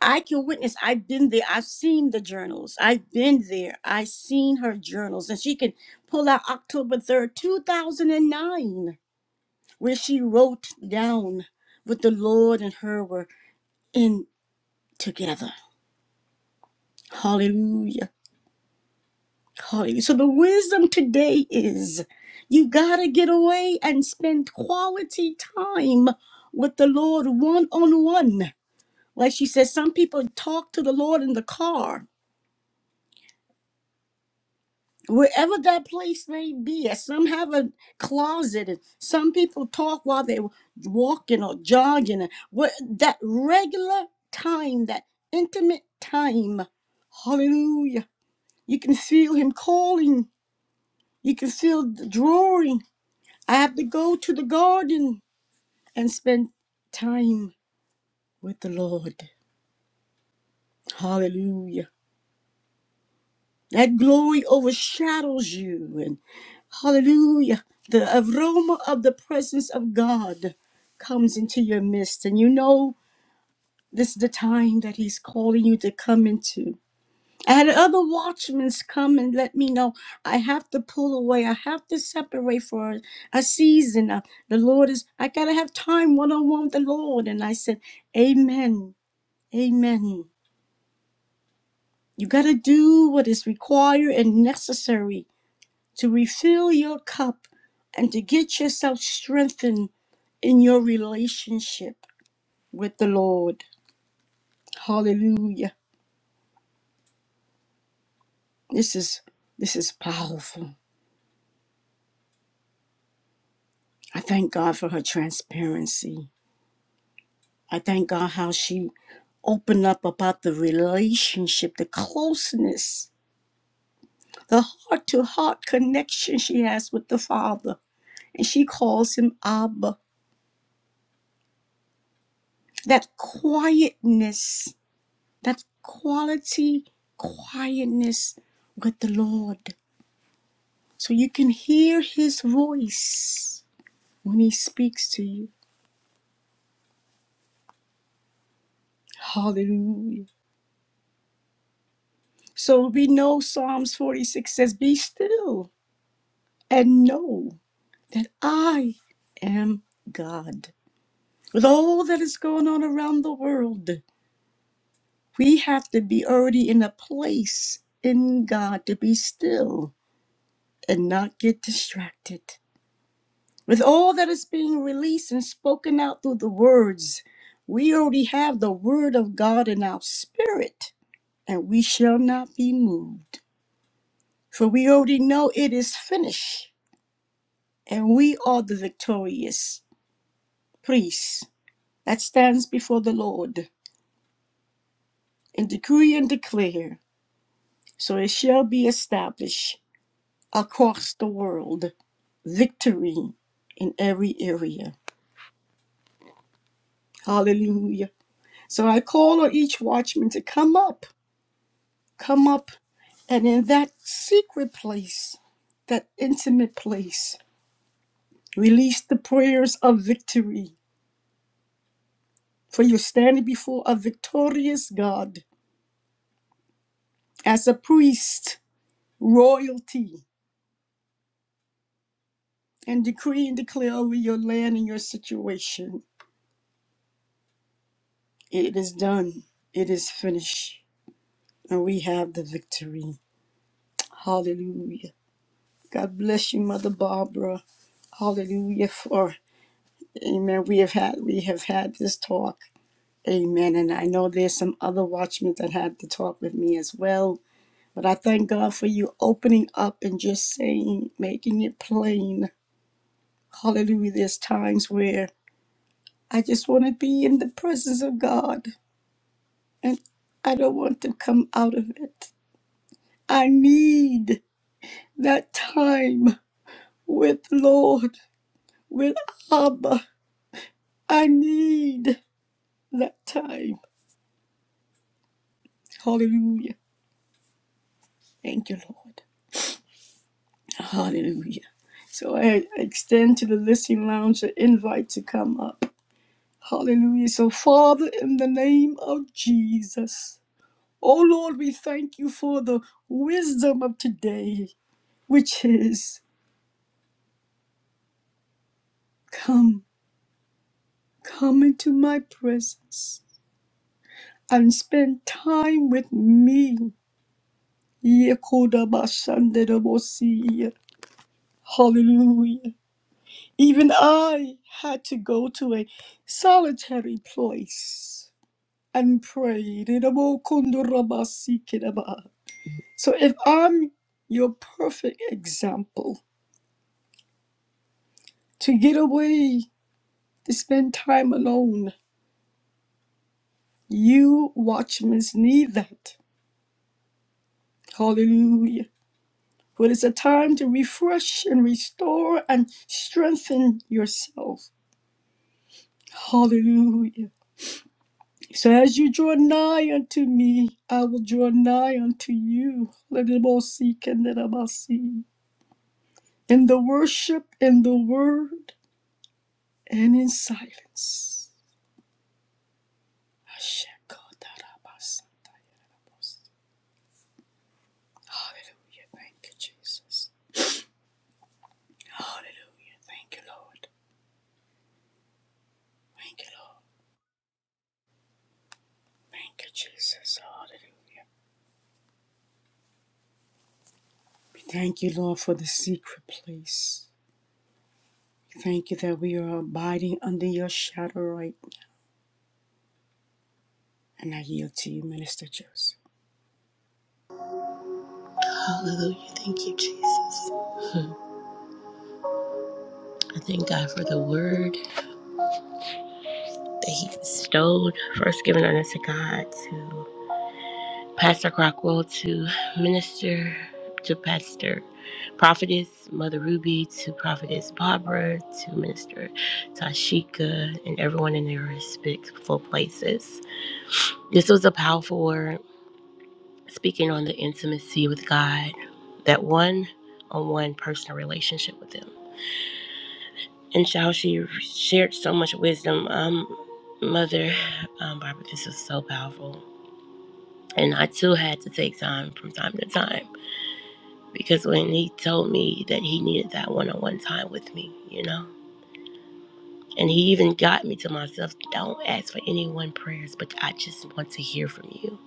A: I can witness. I've been there. I've seen the journals. I've been there. I've seen her journals, and she can pull out October third, two thousand and nine, where she wrote down what the Lord and her were in together. Hallelujah. calling you. So the wisdom today is you got to get away and spend quality time with the Lord one on one. Like she says, some people talk to the Lord in the car, wherever that place may be. As Some have a closet, and some people talk while they're walking or jogging. And what that regular time, that intimate time, hallelujah. You can feel Him calling, you can feel the drawing. I have to go to the garden and spend time with the Lord. Hallelujah. That glory overshadows you. And hallelujah. The aroma of the presence of God comes into your midst. And you know this is the time that He's calling you to come into. I had other watchmen come and let me know I have to pull away. I have to separate for a, season. Uh, the Lord is, I got to have time one on one with the Lord. And I said, Amen. Amen. You got to do what is required and necessary to refill your cup and to get yourself strengthened in your relationship. Lord, hallelujah. It's powerful. Thank God for her parents. I thank God how she opened up about the relationship, the closeness, the heart to heart connection she has with the Father. And she calls him Abba. That quietness, that quality quietness with the Lord. So you can hear his voice when he speaks to you. Hallelujah. So we know Psalms 46 says, Be still and know. that I am God. With all that is going on around the world, we have to be already in a place in God to be still and not get distracted. With all that is being released and spoken out through the words, we already have the word of God in our spirit, and we shall not be moved. For we already know it is finished, and we are the victorious priests that stands before the Lord. and decree and declare, so it shall be established across the world, victory in every area. Hallelujah. So I call on each watchman to come up, come up, and in that secret place, that intimate place, release the prayers of victory. For you're standing before a victorious God as a priest, royalty, and decree and declare over your land and your situation. It is done. It is finished. And we have the victory. Hallelujah. God bless you, Mother Barbara. Hallelujah for Amen. We have had we have had this talk. Amen. And I know there's some other watchmen that had to talk with me as well. But I thank God for you opening up and just saying, making it plain. Hallelujah. There's times where I just want to be in the presence of God and I don't want to come out of it. I need that time. with Lord, with Abba. I need that time. Hallelujah. Thank you, Lord. Hallelujah. So I extend to the listening lounge an invite to come up. Hallelujah. So, Father, in the name of Jesus, oh Lord, we thank you for the wisdom of today, which is come, come into my presence and spend time with me. Yekodabashandedabosiyah. Hallelujah. Even I had to go to a solitary place and pray. So if I'm your perfect example to get away, to spend time alone, you watchmen need that. Hallelujah. For it's a time to refresh and restore and strengthen yourself. Hallelujah. So as you draw nigh unto me, I will. you, Legibosi, in the worship, in the word, and in silence. Yeah, Thank you, Jesus. Thank you, Lord. Thank you, Lord. And that's the juice.
D: Hallelujah. Thank you, Jesus. Hmm. I thank God for the word that He bestowed, first given unto God to Pastor Crockwell, to Minister, to Pastor Prophetess Mother Ruby, to Prophetess Barbara, to Minister Tashika, and everyone in their respectful places. This was a powerful word speaking on the intimacy with God, that one on one personal relationship with Him. and how she shared so much wisdom. Um, Mother um, Barbara, this was so powerful. And I too had to take time from time to time because when he told me that he needed that one on one time with me, you know, and he even got me to myself don't ask for any one prayers, but I just want to hear from you.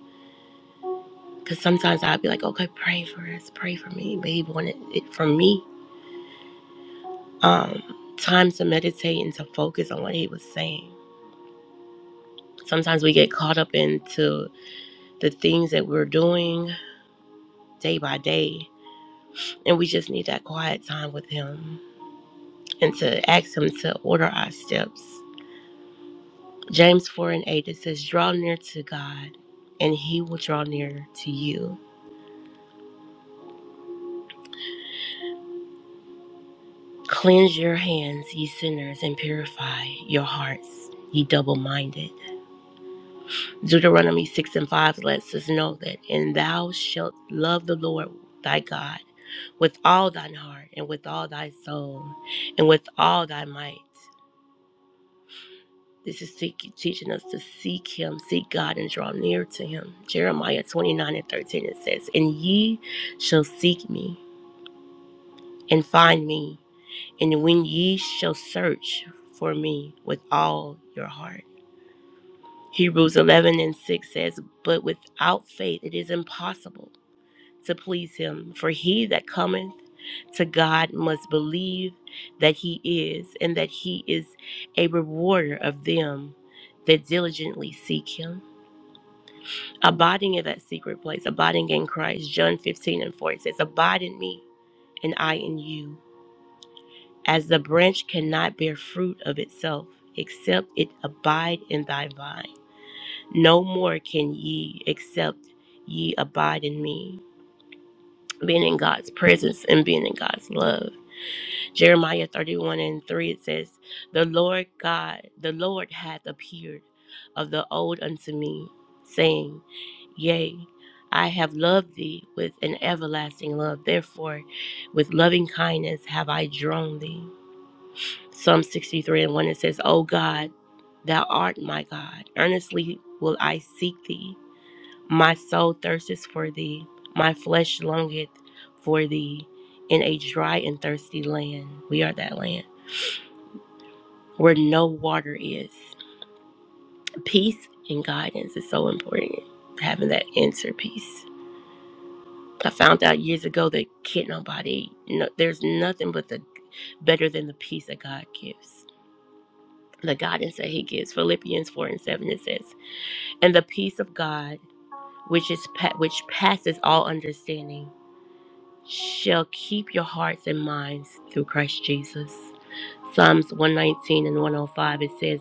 D: Because sometimes I'd be like, okay, pray for us, pray for me. But he wanted it from me um, time to meditate and to focus on what he was saying sometimes we get caught up into the things that we're doing day by day. And we just need that quiet time with Him and to ask Him to order our steps. James 4 and 8, it says, Draw near to God, and He will draw near to you. Cleanse your hands, ye sinners, and purify your hearts, ye double minded. Deuteronomy 6 and 5 lets us know that, and thou shalt love the Lord thy God with all thine heart, and with all thy soul, and with all thy might. This is teaching us to seek Him, seek God, and draw near to Him. Jeremiah 29 and 13 it says, And ye shall seek me and find me, and when ye shall search for me with all your heart. Hebrews 11 and 6 says, But without faith it is impossible to please Him, for he that cometh to God must believe that He is, and that He is a rewarder of them that diligently seek Him. abiding in that secret place, abiding in Christ. John 15 and 4 it says, Abide in me, and I in you. As the branch cannot bear fruit of itself, except it abide in thy vine, no more can ye, except ye abide in me. Being in God's presence and being in God's love. Jeremiah 31 and 3, it says, The Lord God, the Lord hath appeared of the old unto me, saying, Yea, I have loved thee with an everlasting love. Therefore, with loving kindness have I drawn thee. Psalm 63 and 1, it says, O God, thou art my God. Earnestly will I seek thee. My soul thirsteth for thee. My flesh longeth for thee in a dry and thirsty land. We are that land where no water is. Peace and guidance is so important. Having that inner peace. I found out years ago that can't nobody. No, there's nothing but the better than the peace that God gives. The guidance that He gives. Philippians four and seven it says, "And the peace of God, which is pa- which passes all understanding." shall keep your hearts and minds through Christ Jesus. Psalms 119 and 105 it says,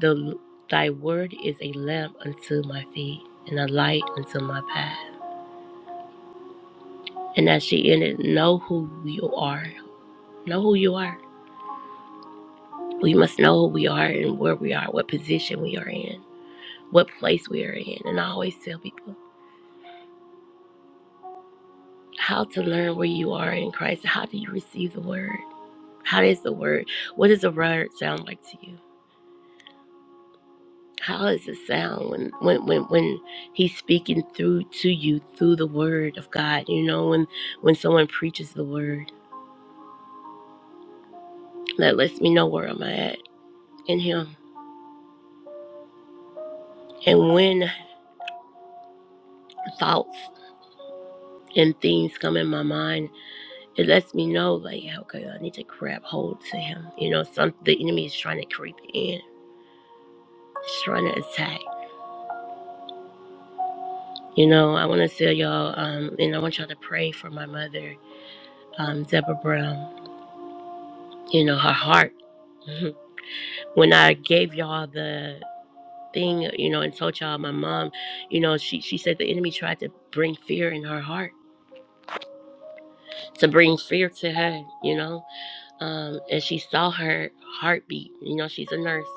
D: the, Thy word is a lamp unto my feet and a light unto my path. And as she ended, know who you are. Know who you are. We must know who we are and where we are, what position we are in, what place we are in. And I always tell people how to learn where you are in Christ. How do you receive the word? How does the word, what does the word sound like to you? How does it sound when, when, when, when he's speaking through to you through the word of God? You know, when when someone preaches the word, that lets me know where I'm at in him. And when thoughts and things come in my mind, it lets me know like, yeah, okay, I need to grab hold to him. You know, some the enemy is trying to creep in, it's trying to attack. You know, I want to tell y'all, um, and I want y'all to pray for my mother, um, Deborah Brown. You know, her heart. when I gave y'all the thing, you know, and told y'all my mom, you know, she she said the enemy tried to bring fear in her heart, to bring fear to her, you know, um, and she saw her heartbeat. You know, she's a nurse,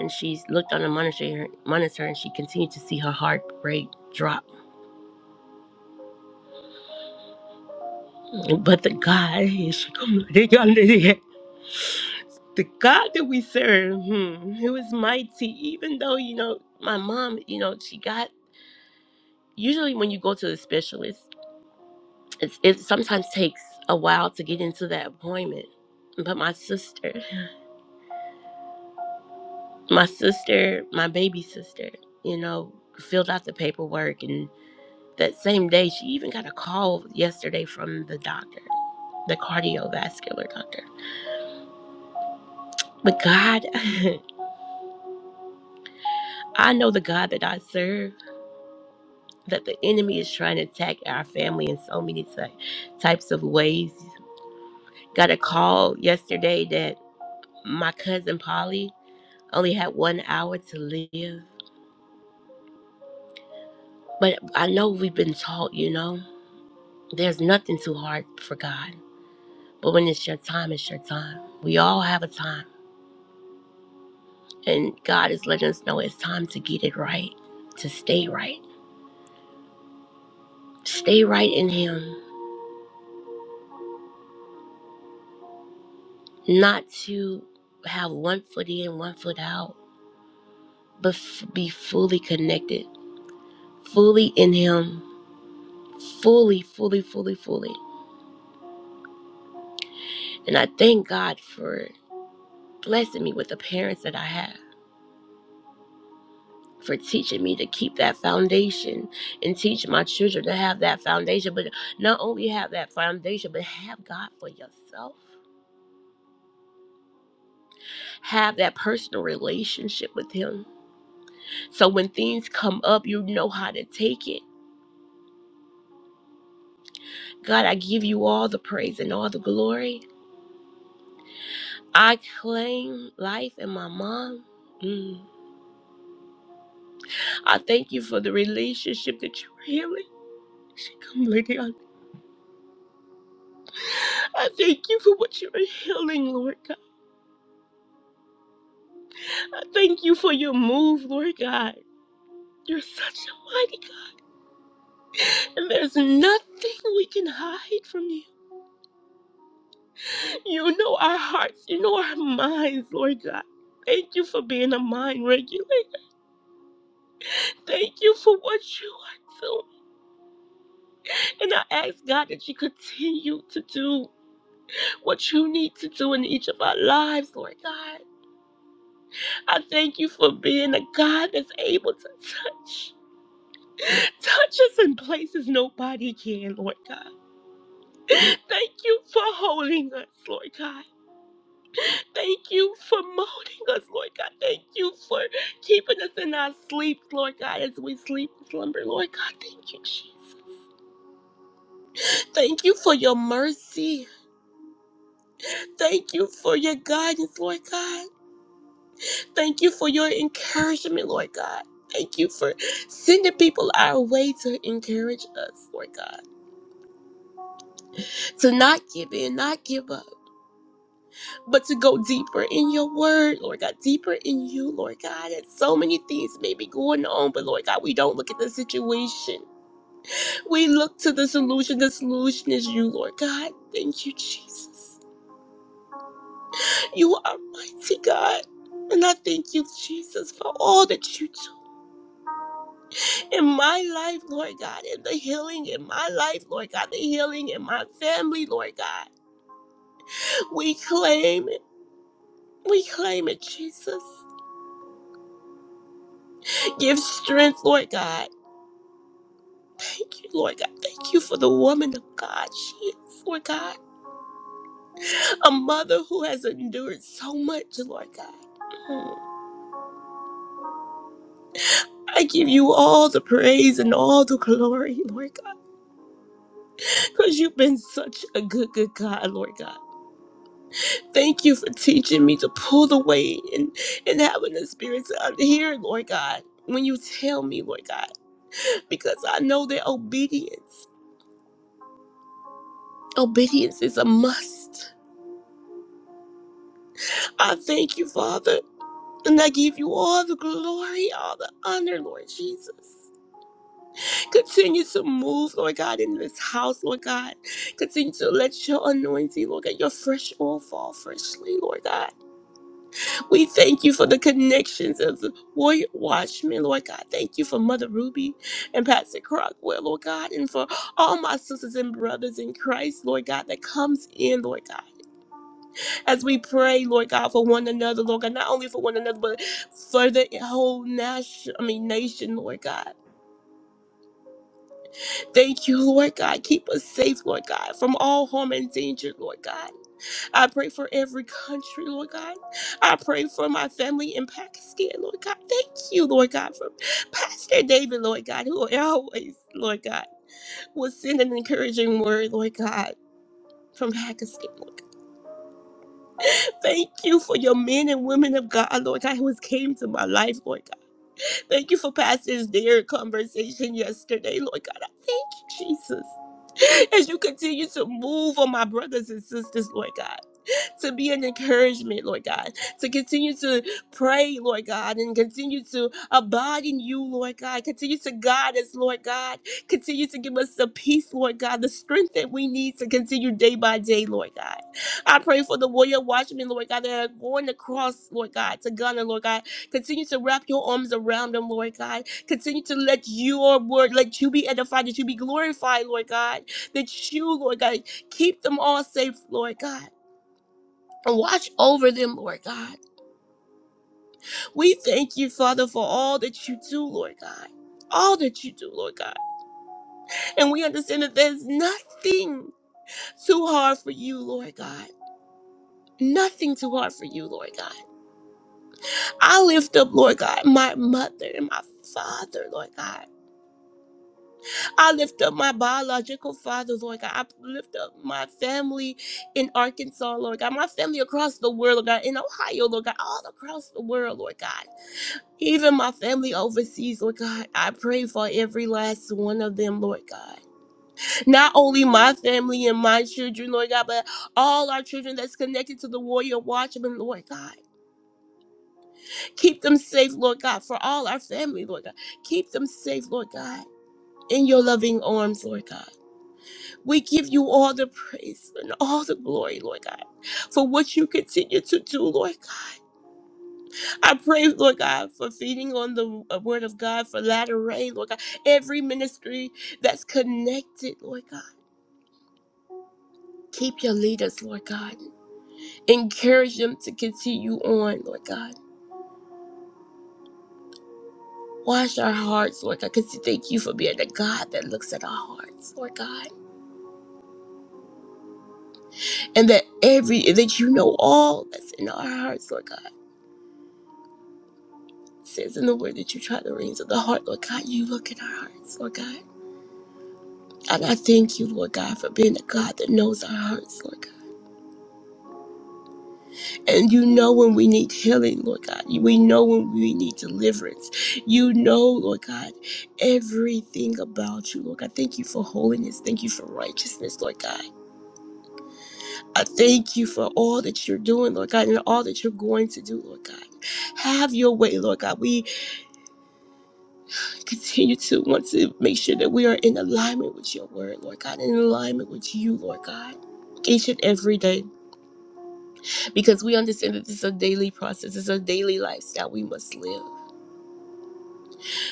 D: and she looked on the monitor monitor, and she continued to see her heart rate drop. But the God, the God that we serve, hmm, he was mighty, even though you know my mom, you know, she got usually when you go to the specialist, it's, it sometimes takes a while to get into that appointment. But my sister, my sister, my baby sister, you know, filled out the paperwork, and that same day, she even got a call yesterday from the doctor, the cardiovascular doctor. But God, I know the God that I serve, that the enemy is trying to attack our family in so many ty- types of ways. Got a call yesterday that my cousin Polly. only had one hour to live. But I know we've been taught, you know, there's nothing too hard for God. But when it's your time, it's your time. We all have a time. And God is letting us know it's time to get it right, to stay right. Stay right in Him, not to have one foot in, one foot out, but f- be fully connected, fully in Him, fully, fully, fully, fully. And I thank God for blessing me with the parents that I have for teaching me to keep that foundation and teach my children to have that foundation, but not only have that foundation, but have God for yourself. Have that personal relationship with Him. So when things come up, you know how to take it. God, I give you all the praise and all the glory. I claim life and my mom. Mm. I thank you for the relationship that you're healing. Come, Lady. I I thank you for what you're healing, Lord God. I thank you for your move, Lord God. You're such a mighty God, and there's nothing we can hide from you. You know our hearts, you know our minds, Lord God. Thank you for being a mind regulator. Thank you for what you are doing. And I ask God that you continue to do what you need to do in each of our lives, Lord God. I thank you for being a God that's able to touch. Touch us in places nobody can, Lord God. Thank you for holding us, Lord God. Thank you for molding us, Lord God. Thank you for keeping us in our sleep, Lord God, as we sleep and slumber, Lord God. Thank you, Jesus. Thank you for your mercy. Thank you for your guidance, Lord God. Thank you for your encouragement, Lord God. Thank you for sending people our way to encourage us, Lord God, to not give in, not give up. but to go deeper in your word, Lord God, deeper in you, Lord God. And so many things may be going on, but Lord God, we don't look at the situation. We look to the solution. The solution is you, Lord God. Thank you, Jesus. You are mighty God. And I thank you, Jesus, for all that you do in my life, Lord God, and the healing in my life, Lord God, the healing in my family, Lord God. We claim it. We claim it, Jesus. Give strength, Lord God. Thank you, Lord God. Thank you for the woman of God. She is, Lord God, a mother who has endured so much, Lord God. Mm. I give you all the praise and all the glory, Lord God, because you've been such a good, good God, Lord God. Thank you for teaching me to pull away and, and having the spirit to hear, Lord God, when you tell me, Lord God, because I know that obedience, obedience is a must. I thank you, Father. And I give you all the glory, all the honor, Lord Jesus. Continue to move, Lord God, in this house, Lord God. Continue to let your anointing, Lord God, your fresh oil fall freshly, Lord God. We thank you for the connections of the warrior watchmen, Lord God. Thank you for Mother Ruby and Pastor Crockwell, Lord God, and for all my sisters and brothers in Christ, Lord God, that comes in, Lord God. As we pray, Lord God, for one another, Lord God, not only for one another, but for the whole nation, I mean, nation, Lord God. Thank you, Lord God. Keep us safe, Lord God, from all harm and danger, Lord God. I pray for every country, Lord God. I pray for my family in Pakistan, Lord God. Thank you, Lord God, for Pastor David, Lord God, who always, Lord God, was send an encouraging word, Lord God, from Pakistan, Lord God. Thank you for your men and women of God, Lord God, who has came to my life, Lord Thank you for Pastor's dear conversation yesterday, Lord God. I thank you, Jesus. As you continue to move on my brothers and sisters, Lord God to be an encouragement, Lord God, to continue to pray, Lord God, and continue to abide in you, Lord God. Continue to guide us, Lord God. Continue to give us the peace, Lord God, the strength that we need to continue day by day, Lord God. I pray for the warrior watchmen, Lord God, that are going across, Lord God, to Ghana, Lord God. Continue to wrap your arms around them, Lord God. Continue to let your word, let you be edified, that you be glorified, Lord God. That you, Lord God, keep them all safe, Lord God and watch over them, Lord God. We thank you, Father, for all that you do, Lord God. All that you do, Lord God. And we understand that there's nothing too hard for you, Lord God. Nothing too hard for you, Lord God. I lift up, Lord God, my mother and my father, Lord God. I lift up my biological father, Lord God. I lift up my family in Arkansas, Lord God. My family across the world, Lord God. In Ohio, Lord God. All across the world, Lord God. Even my family overseas, Lord God, I pray for every last one of them, Lord God. Not only my family and my children, Lord God, but all our children that's connected to the Warrior Watchman, Lord God. Keep them safe, Lord God, for all our family, Lord God. Keep them safe, Lord God, in your loving arms, Lord God. We give you all the praise and all the glory, Lord God, for what you continue to do, Lord God. I pray, Lord God, for feeding on the uh, word of God, for latter rain, Lord God. Every ministry that's connected, Lord God. Keep your leaders, Lord God. Encourage them to continue on, Lord God. Wash our hearts, Lord God, because thank you for being the God that looks at our hearts, Lord God. And that every that you know all that's in our hearts, Lord God. It says in the word that you try the reins of the heart, Lord God. You look at our hearts, Lord God. And I thank you, Lord God, for being the God that knows our hearts, Lord God. And you know when we need healing, Lord God. We know when we need deliverance. You know, Lord God, everything about you, Lord God. Thank you for holiness. Thank you for righteousness, Lord God. I thank you for all that you're doing, Lord God, and all that you're going to do, Lord God. Have your way, Lord God. We continue to want to make sure that we are in alignment with your word, Lord God, in alignment with you, Lord God. Each and every day, because we understand that this is a daily process, it's a daily lifestyle we must live.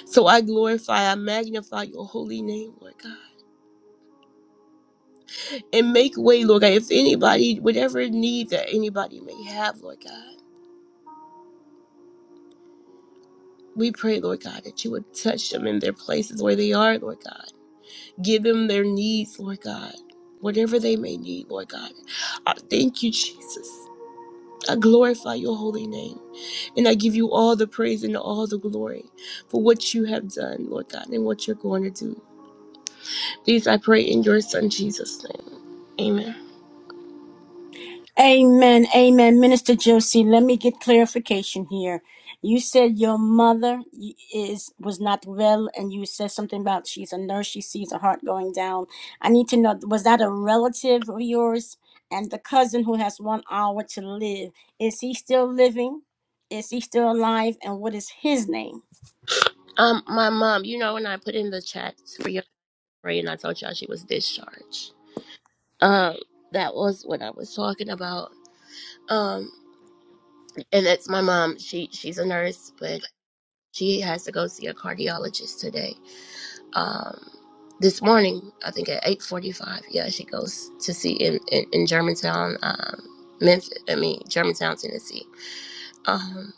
D: So I glorify, I magnify your holy name, Lord God. And make way, Lord God, if anybody, whatever need that anybody may have, Lord God. We pray, Lord God, that you would touch them in their places where they are, Lord God. Give them their needs, Lord God. Whatever they may need, Lord God. I thank you, Jesus. I glorify your holy name. And I give you all the praise and all the glory for what you have done, Lord God, and what you're going to do. These I pray in your son Jesus' name. Amen.
A: Amen. Amen. Minister Josie, let me get clarification here. You said your mother is was not well, and you said something about she's a nurse. She sees her heart going down. I need to know was that a relative of yours? And the cousin who has one hour to live is he still living? Is he still alive? And what is his name?
D: Um, my mom, you know, when I put in the chats for your story and I told y'all she was discharged. Um, that was what I was talking about. Um, and it's my mom. She she's a nurse, but she has to go see a cardiologist today. Um, this morning, I think at eight forty-five. Yeah, she goes to see in in, in Germantown, um, Memphis. I mean, Germantown, Tennessee. Um,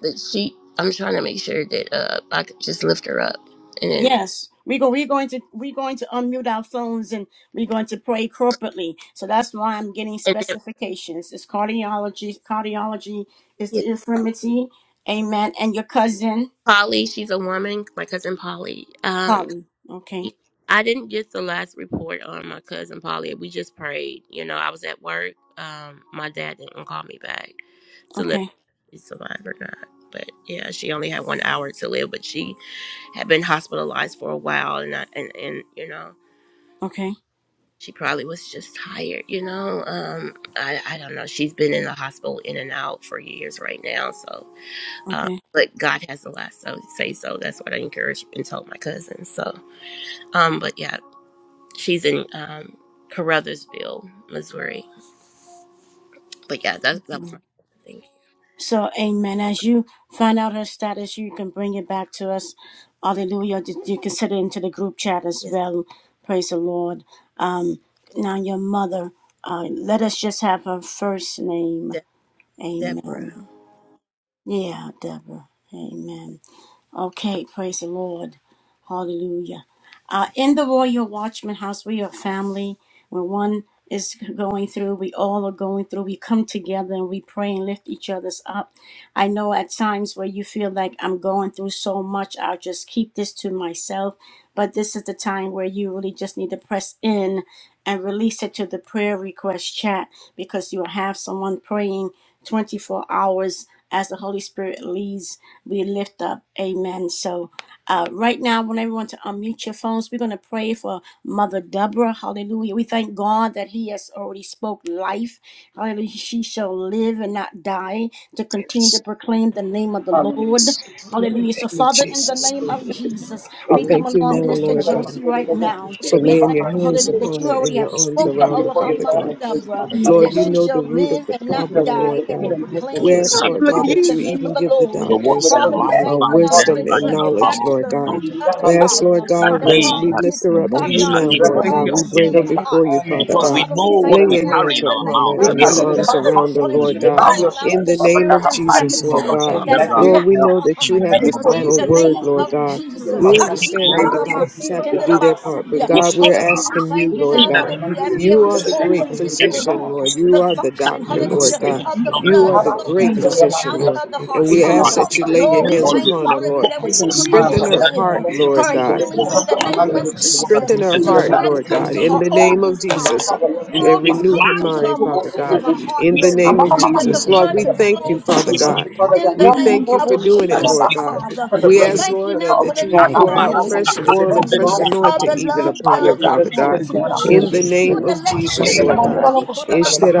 D: but she, I'm trying to make sure that uh, I could just lift her up, and then
A: Yes, we go, we're going to we're going to unmute our phones and we're going to pray corporately. So that's why I'm getting
D: and then.
A: specifications. It's cardiology. Cardiology is the infirmity. Amen. And your cousin,
D: Polly, she's a woman, my cousin Polly. Um,
A: Colin. Okay.
D: I didn't get the last report on my cousin Polly. We just prayed. You know, I was at work. Um, my dad didn't call me back to let
A: Okay.
D: me survive or not. But yeah, she only had one hour to live, but she had been hospitalized for a while, and I, and and you know,
A: Okay.
D: she probably was just tired. You know, um, I I don't know. She's been in the hospital in and out for years right now, so um,
A: Okay.
D: but God has the last so say so. That's what I encouraged and told my cousin. So, um, but yeah, she's in um, Carruthersville, Missouri. But yeah, that that was my thing.
A: So, Amen. As you find out her status, you can bring it back to us. Hallelujah. You you can send it into the group chat as
D: Yes,
A: well. Praise the Lord. Um, now your mother. Uh, let us just have her first name.
D: De- Deborah.
A: Amen. Yeah, Deborah. Amen. Okay, praise the Lord. Hallelujah. Uh, in the Royal Watchman House, we are family. When one is going through, we all are going through. We come together and we pray and lift each other's up. I know at times where you feel like I'm going through so much, I'll just keep this to myself. But this is the time where you really just need to press in and release it to the prayer request chat because you'll have someone praying 24 hours as the Holy Spirit leads we lift up. Amen. So, uh, right now, I want everyone to unmute your phones. We're going to pray for Mother Deborah. Hallelujah. We thank God that He has already spoke life. Hallelujah. She shall live and not die to continue to
B: Yes,
A: proclaim the name of the Lord.
B: yes. In the
A: Hallelujah. So,
B: name of
A: Father, in the
B: Jesus,
A: name of Jesus,
B: we
A: we come
B: thank you
A: along,
B: now,
A: Minister
B: Lord God.
E: Hallelujah.
A: Josie, right now.
B: for
E: Thank you
A: We
E: for
B: laying
A: thank
B: your
A: you,
E: letting
B: hands
A: hallelujah, that
B: upon
A: you
B: her and
A: already have
B: your
E: we
B: arms
E: speak
A: spoken
B: around
E: life
B: her,
A: over her
B: Father God.
A: mother Deborah,
E: into my
B: Lord,
A: that
B: you
A: she
B: know the
A: shall
B: root
E: life.
B: of
A: live
B: the
A: and not
B: problem,
A: die
B: Lord
A: and will
B: God. We
A: proclaim,
E: We
B: ask,
E: speak
A: continue to
B: Lord God,
E: life.
A: proclaim
B: that
D: Hallelujah.
A: the
B: you
A: name of
B: even
A: the
B: give the
A: Lord.
E: Your word
B: doctors
E: said
A: Father, we
E: life
B: uh,
A: thank you
E: and
A: now,
E: death
B: wisdom
D: Hallelujah.
E: are
A: hallelujah,
B: and
E: in
A: that
E: the
A: we
B: knowledge,
A: got
E: power
A: to
E: of
B: Lord
E: the
A: the
B: God.
A: root
E: tongue.
A: of the
B: We ask, Lord
A: problem.
E: That
B: God,
A: The
E: they
B: as
D: Hallelujah.
A: problem.
B: we
E: that
B: lift her
A: in
B: up
E: know
B: to
E: we
B: you
E: shall
B: now,
A: cardiology.
E: eat
A: The
E: the
B: Lord God,
E: fruit
A: problem
B: we
A: is
B: bring
A: in
B: her
E: thereof.
A: the
B: before
A: heart.
B: you, Father
A: So
E: Because we
B: God.
E: know what
B: Lay
E: we
B: your
A: in
E: carry
B: hands
E: in our
B: upon
A: the name
B: her
E: mouth,
B: and
A: of
E: we
B: your
E: speak
B: arms
A: Jesus,
B: around her,
E: publicly
B: Lord
A: hallelujah, we
B: God.
E: life
A: call out
B: In
A: the
B: the name
A: spirit
B: of
A: of
E: into
B: Jesus, Lord
E: Mama
A: infirmity
B: God.
A: that's
E: Deborah
D: Hallelujah. Hallelujah. Hallelujah.
B: Lord, we
A: attacked
E: health
B: know
A: our
B: that
E: in
A: heart
B: you
E: the
B: have
E: name
B: the
E: of
A: in
B: final
A: the
E: Jesus.
B: word,
A: name
B: Lord
A: of
B: God.
A: Jesus.
E: We
B: We
E: speak
B: understand that the
E: life.
B: doctors have to do their part, but
E: We
B: God,
E: speak
B: we're
A: Hallelujah.
E: life
A: We
B: asking you,
A: thank you
B: Lord
E: in
A: now.
E: the
B: God
E: name of
A: Hallelujah. As
D: Hallelujah.
A: we are
B: you
F: God,
B: are the
E: Jesus.
A: exposed
B: great
A: and get
F: Lord,
A: to
E: And the
A: the
B: physician,
A: root,
B: Lord. You
A: the
B: are
E: positive
B: the
A: function,
B: doctor,
F: thank
B: Lord
A: hallelujah,
E: darkness
F: you.
B: God.
F: Thank
A: of
F: you
A: the
F: for
E: of
B: You are
A: blood
F: life.
B: the
F: Thank
A: flowing
B: great
F: you
A: through
F: for
A: and
B: physician,
A: out
F: strength.
B: Lord.
A: of the
F: Thank you
B: And
A: heart,
B: we
F: for
E: I
B: ask
F: healing.
A: Father.
B: that
E: think
B: you lay your
A: Lord,
E: that
A: we
B: hands
F: Thank
E: Lord, we
A: thank
F: you
A: you,
B: upon her,
E: have
F: for
A: hallelujah,
B: Lord.
E: got
A: that we
F: sanity.
E: such
A: decree
F: Thank
A: and
B: Strengthen
E: words
F: you
E: in
B: her
E: the name
B: heart,
A: declare
E: of
B: Lord
E: Jesus.
A: her
E: We
B: God.
E: want to
A: healing
F: for ministry.
A: in the
E: stop
F: Thank
E: the
A: name
F: you
E: words
A: of
E: as
A: Jesus.
F: for
B: Strengthen
E: long
F: her
B: her
E: as
A: So.
E: the
B: heart,
F: mother,
E: Lord
A: Strength
E: is
B: Lord
E: in
F: to
A: comes
B: God,
E: the
A: to
B: in
F: ministry,
A: her
B: the
F: to
B: name of
A: organs,
F: her parents.
B: Jesus,
A: Father.
E: We
B: and
E: speak
A: Organs
B: renew
F: Thank
B: her
E: life.
A: come
F: you
A: to the
B: mind,
F: for
B: Father
A: muscles of
B: God,
A: her
F: clarity,
A: heart,
B: in
E: We
B: the
E: speak
A: Lord,
B: name of
E: life
A: that the
B: Jesus.
F: clarity,
E: in
B: Lord,
E: the
A: blood
B: we
A: can
E: name of
B: thank
A: flow
B: you,
F: Thank you,
E: Jesus.
B: Father
E: We
A: through.
F: Father.
B: God.
E: speak
A: In
E: life.
A: the
B: We
A: name
B: thank you for
A: of
F: You
B: doing it,
E: We
F: got
B: Lord
E: speak
A: Jesus,
B: God.
E: life.
F: Jesus
A: Father,
F: for
B: We
A: we
F: her.
B: ask,
A: thank you
B: Lord, that,
A: now,
B: that you will
F: The
A: hallelujah,
E: Kado
B: pour
A: the
B: out
F: healing
E: barasta,
B: fresh
F: is
B: oil
E: kado
B: and
F: your
B: fresh
A: capacity
E: belia,
A: of
B: anointing
A: the
B: even
E: kababili,
A: love
B: upon her,
A: dove
E: chimiki,
F: healing.
B: Father God,
F: It's
E: bibibili,
A: activity,
F: the
A: Lord.
B: in
E: brado,
B: the
F: children's
A: Even
B: name
F: bread.
A: the
E: sakoma,
B: of
F: So
A: electrical
B: Jesus,
F: we
B: Lord
E: manabalenta.
F: thank
B: God.
A: current,
F: you,
A: he could
F: Jesus.
A: have seen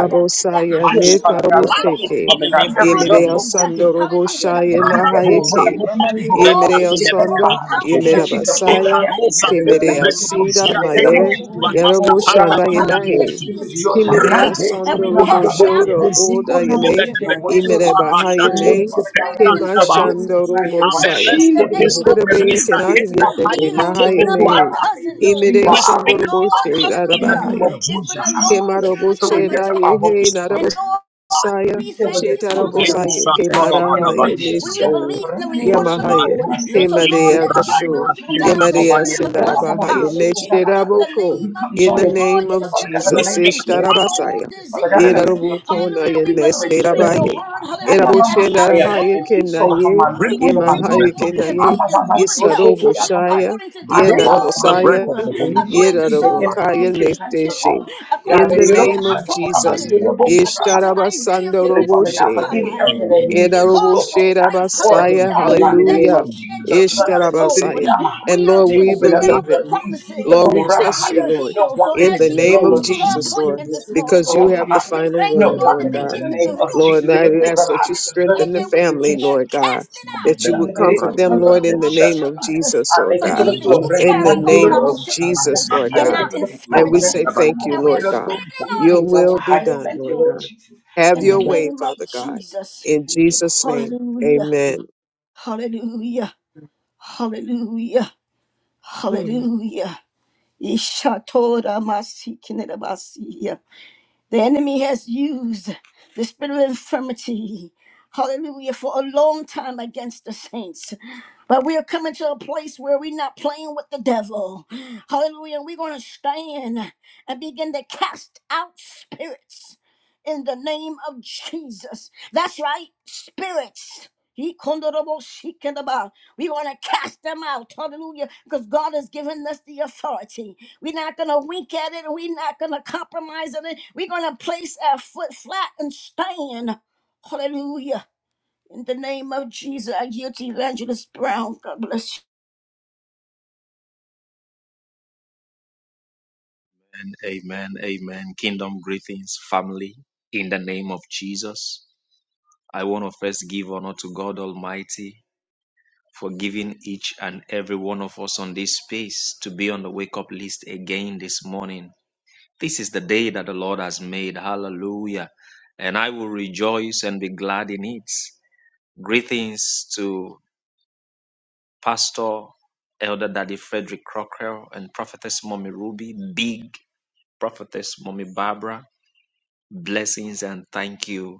A: that
E: I
F: Oh,
A: activate
E: speak
A: the muscles,
E: life
B: netaraboshake,
E: in the
A: the
E: name of Jesus.
A: arteries, uh, hallelujah, so the
B: yemereasandoroboshaya
A: blood,
E: Radosa,
B: nahayake,
E: kopando,
A: Lord,
E: belia,
A: we even
B: yemereasanda,
A: call out
E: kelebelia,
A: pressure.
B: yemerabasaya,
E: Ekanosa kumi
B: Kimerea
E: bredo
B: sida
E: bozia
A: Jesus,
B: maye
E: tele ke
A: Lord.
E: tuba maska
B: yarobo
E: panda
B: shanda
E: manda
A: Hallelujah.
B: yemahe.
E: duati.
A: She is healed.
B: Kimerea
E: Rebo se
B: sondo
A: We
B: robo
E: pondo
A: cast
E: bobe
A: out
B: shodo
A: all
E: bozi
B: oda
A: spirits
B: yeme
E: bebe
F: for
A: that's
E: bebe ke
B: yimere
F: wholeness, for
A: causing
E: basha
B: bahaya
F: strength.
B: ne
A: all
E: chofu kenda
B: kema
E: ndaba.
B: shando
F: Thank
A: infirmity.
B: robo
F: you
B: saya.
E: Aberes
A: Hallelujah.
E: potendo
F: that you go in.
B: Isterebe
E: berisa
B: kena
A: Jesus,
E: kenda
B: yete
E: pai
B: she
A: even lift
E: katepe
B: nahaya me.
A: our
E: tuada.
A: cousin,
B: Imere
A: Lord.
E: We
B: sondo
E: speak
B: robo
A: Lord,
B: she
E: life in the name
A: hallelujah.
B: arabahaya.
E: of
A: It's been a
E: Jesus.
B: Kema
A: long
B: robo
A: journey of
B: she na
A: attack.
B: yehe
A: And Lord,
B: Saya
A: we thank you, Father, that
E: Yenu
A: we
B: Shetarabosaya
A: speak
F: and do
E: satana
A: your
F: and
A: word.
B: Kemarahaya
A: We,
E: manavalianta.
A: we
B: Meso
A: believe in the
F: Thank you.
A: report of the
B: Yamahaya
E: Rado
A: Lord.
E: se
A: So,
D: Nothing
A: Lord,
B: Kemadea
A: let
E: braai
B: Gashu
E: da
A: it be
E: tiri
A: done
E: na
A: because
B: Yamadea
E: mavalianta.
A: cousin
B: Sindarabahaya
A: Polly, in the
B: Neshteraboko
A: name of
B: in the
A: Jesus, Lord,
B: name
A: you
B: of
A: sent your
E: We
B: Jesus
A: word
E: speak
A: and healed
E: life.
A: all
B: Ishtarabasaya
A: diseases.
B: Yerabukona
A: Hallelujah. We believe in your
B: Yenesterabaya
A: word. Hallelujah. That as our
B: Eraboshendarahaya
A: soul
B: Kenaye
A: prosper,
E: Break
A: we
E: the
A: will
B: Yamahaya
E: breath of
A: walk
E: the
A: and
B: Kenaye
A: be
E: Lord.
A: in good health.
B: Yisarobo Shaya
A: According to 3 John
E: Breathe the
A: 2,
E: breath
B: Yenarabosaya
E: of the Holy Ghost.
A: according
E: We
A: to
E: speak
A: Psalms
E: life.
B: Yerabokaya
A: three two,
B: Nesteshe
A: according
B: in
A: to
E: We
B: the
E: speak
A: Malachi
B: name of
E: life
A: four
E: in the
B: Jesus
E: name of
A: two, according
E: Jesus.
A: to Isaiah
B: Ishtarabasando
A: fifty
E: We
A: three
E: speak
A: and
E: life
B: Roboshede.
E: in the
A: five.
E: name of
A: We
B: Eda
A: because
E: Jesus.
A: of the
B: Robosheda
A: stripes,
E: We
B: Basaya.
E: speak
A: hallelujah,
E: life in
A: that
B: Hallelujah.
A: you
E: the
A: shed
E: name of
A: your blood,
E: Jesus.
A: Lord.
B: Ishtarabasaya. And
A: We are
B: Lord,
E: We
A: to
B: we
E: speak
A: stand
B: believe
E: life
A: on the
B: it.
A: promises
B: Lord, we
A: that
B: trust
A: we
B: you,
A: are
B: Lord,
A: healed. So
B: in
E: in the
A: as
B: the
A: she
B: name of
A: goes
E: name
A: to
E: of
A: her
B: Jesus, Lord,
E: Jesus.
A: appointment this morning,
B: because you
A: Lord,
B: have the
A: we
B: final
A: thank you,
B: word,
E: Thank
A: Lord,
B: Lord
E: you,
A: that they
B: God.
A: get to the
E: Jesus.
A: root,
B: Lord, and I
A: the
B: ask that you
A: root,
B: strengthen
A: and
B: the
A: then we you
B: family,
A: can't
B: Lord God,
A: cast it
B: that
A: out
B: you
E: Shabbat
B: would
E: Korah,
B: comfort
A: in
E: the
B: them,
A: the
E: name
B: Lord,
A: name
B: in
E: of
B: the
A: of
B: name
E: Jesus.
B: of
A: Jesus.
B: Jesus, Lord
A: For
E: We
B: God,
A: Jesus,
E: go
A: you
B: in the
A: carry
E: Shabbat
A: all
B: name
A: our
B: of Jesus,
A: sicknesses
B: Lord
E: Babia,
A: and
B: God.
E: who
A: our
E: spoke in
B: And we say
A: infirmities,
B: thank you,
A: and we are
B: Lord
A: standing
B: God.
A: on
B: Your
A: it
B: will be
A: today,
B: done,
A: this
B: Lord
A: morning,
B: God. Have
A: in the
B: your way,
A: name of
B: Father God,
A: Jesus.
B: in Jesus' name.
A: Hallelujah,
B: Amen.
A: hallelujah, hallelujah, hallelujah. Ishatoramasikinerabasiya. The enemy has used the spirit of infirmity Hallelujah, for a long time, saints. But we are coming to a place where we're not playing with the devil. Hallelujah. And We're going to stand and begin to cast out spirits in the name of Jesus. That's right, spirits. He kondorobo shikendaba. We're going to cast them out. Hallelujah. Because God has given us the authority. We're not going to wink at it. We're not going to compromise on it. We're going to place our foot flat and stand. Hallelujah. In the name of Jesus, I yield to Evangelist Brown. God bless you.
E: amen, amen. Kingdom greetings, family, in the name of Jesus. I want to first give honor to God Almighty for giving each and every one of us on this space to be on the wake up list again this morning. This is the day that the Lord has made. Hallelujah. And I will rejoice and be glad in it. Greetings to Pastor Elder Daddy Frederick Crocker and Prophetess Mommy Ruby, Big Prophetess Mommy Barbara. Blessings and thank you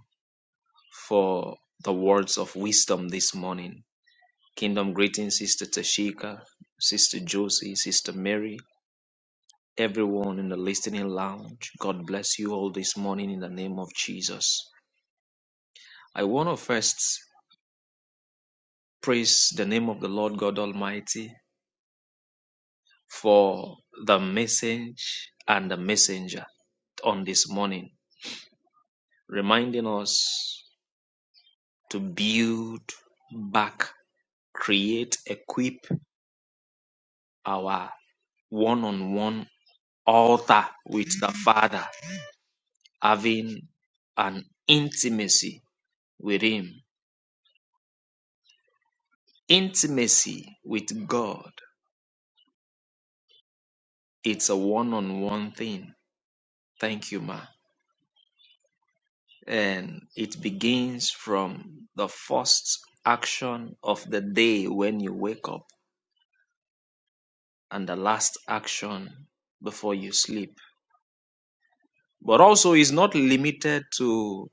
E: for the words of wisdom this morning. Kingdom greetings, Sister Tashika, Sister Josie, Sister Mary, everyone in the listening lounge. God bless you all this morning in the name of Jesus. I want to first praise the name of the Lord God Almighty for the message and the messenger on this morning, reminding us to build back, create, equip our one on one altar with the Father having an intimacy with Him. Intimacy with God. It's a one on one thing. Thank you, Ma. And it begins from the first action of the day when you wake up and the last action before you sleep. But also, is not limited to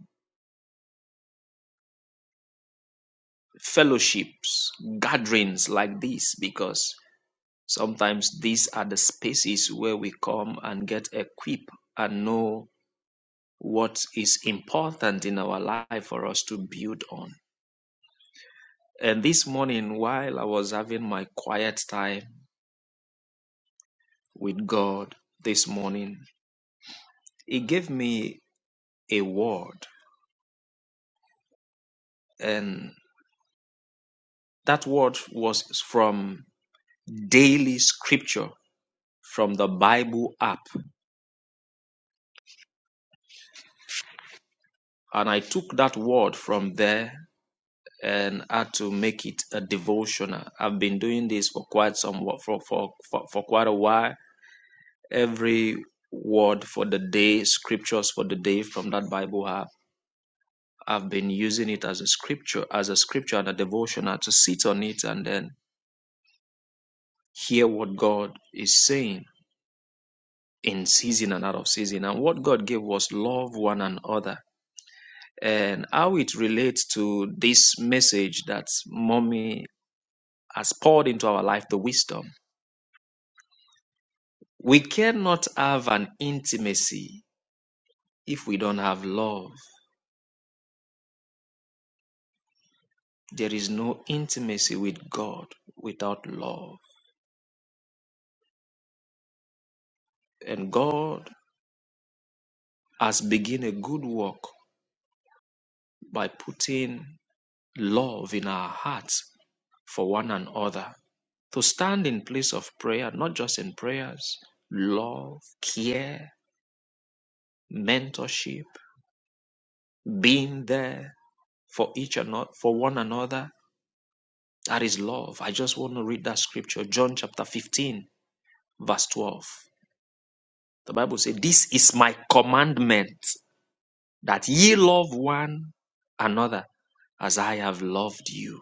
E: fellowships, gatherings like this, because Sometimes these are the spaces where we come and get equipped and know what is important in our life for us to build on. And this morning, while I was having my quiet time with God this morning, He gave me a word. And that word was from daily scripture from the Bible app. And I took that word from there and how to make it a devotional. I've been doing this for quite some for for for, for quite a while. Every word for the day, scriptures for the day from that Bible app. I've been using it as a scripture, as a scripture and a devotional to sit on it and then hear what God is saying in season and out of season. And what God gave was love one another and how it relates to this message that mommy has poured into our life, the wisdom. We cannot have an intimacy if we don't have love. There is no intimacy with God without love. And God has begun a good work by putting love in our hearts for one another. To stand in place of prayer, not just in prayers, love, care, mentorship, being there for each and for one another. That is love. I just want to read that scripture, John chapter 15 verse 12. The Bible says, This is my commandment that ye love one another as I have loved you.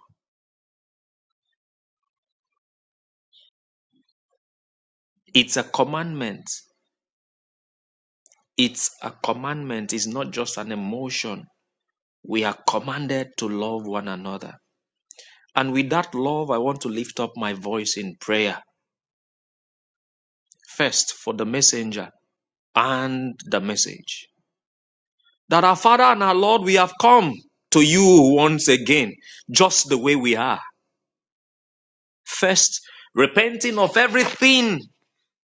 E: It's a commandment. It's a commandment. It's not just an emotion. We are commanded to love one another. And with that love, I want to lift up my voice in prayer. First, for the messenger and the message. That our Father and our Lord, we have come to you once again, just the way we are. First, repenting of everything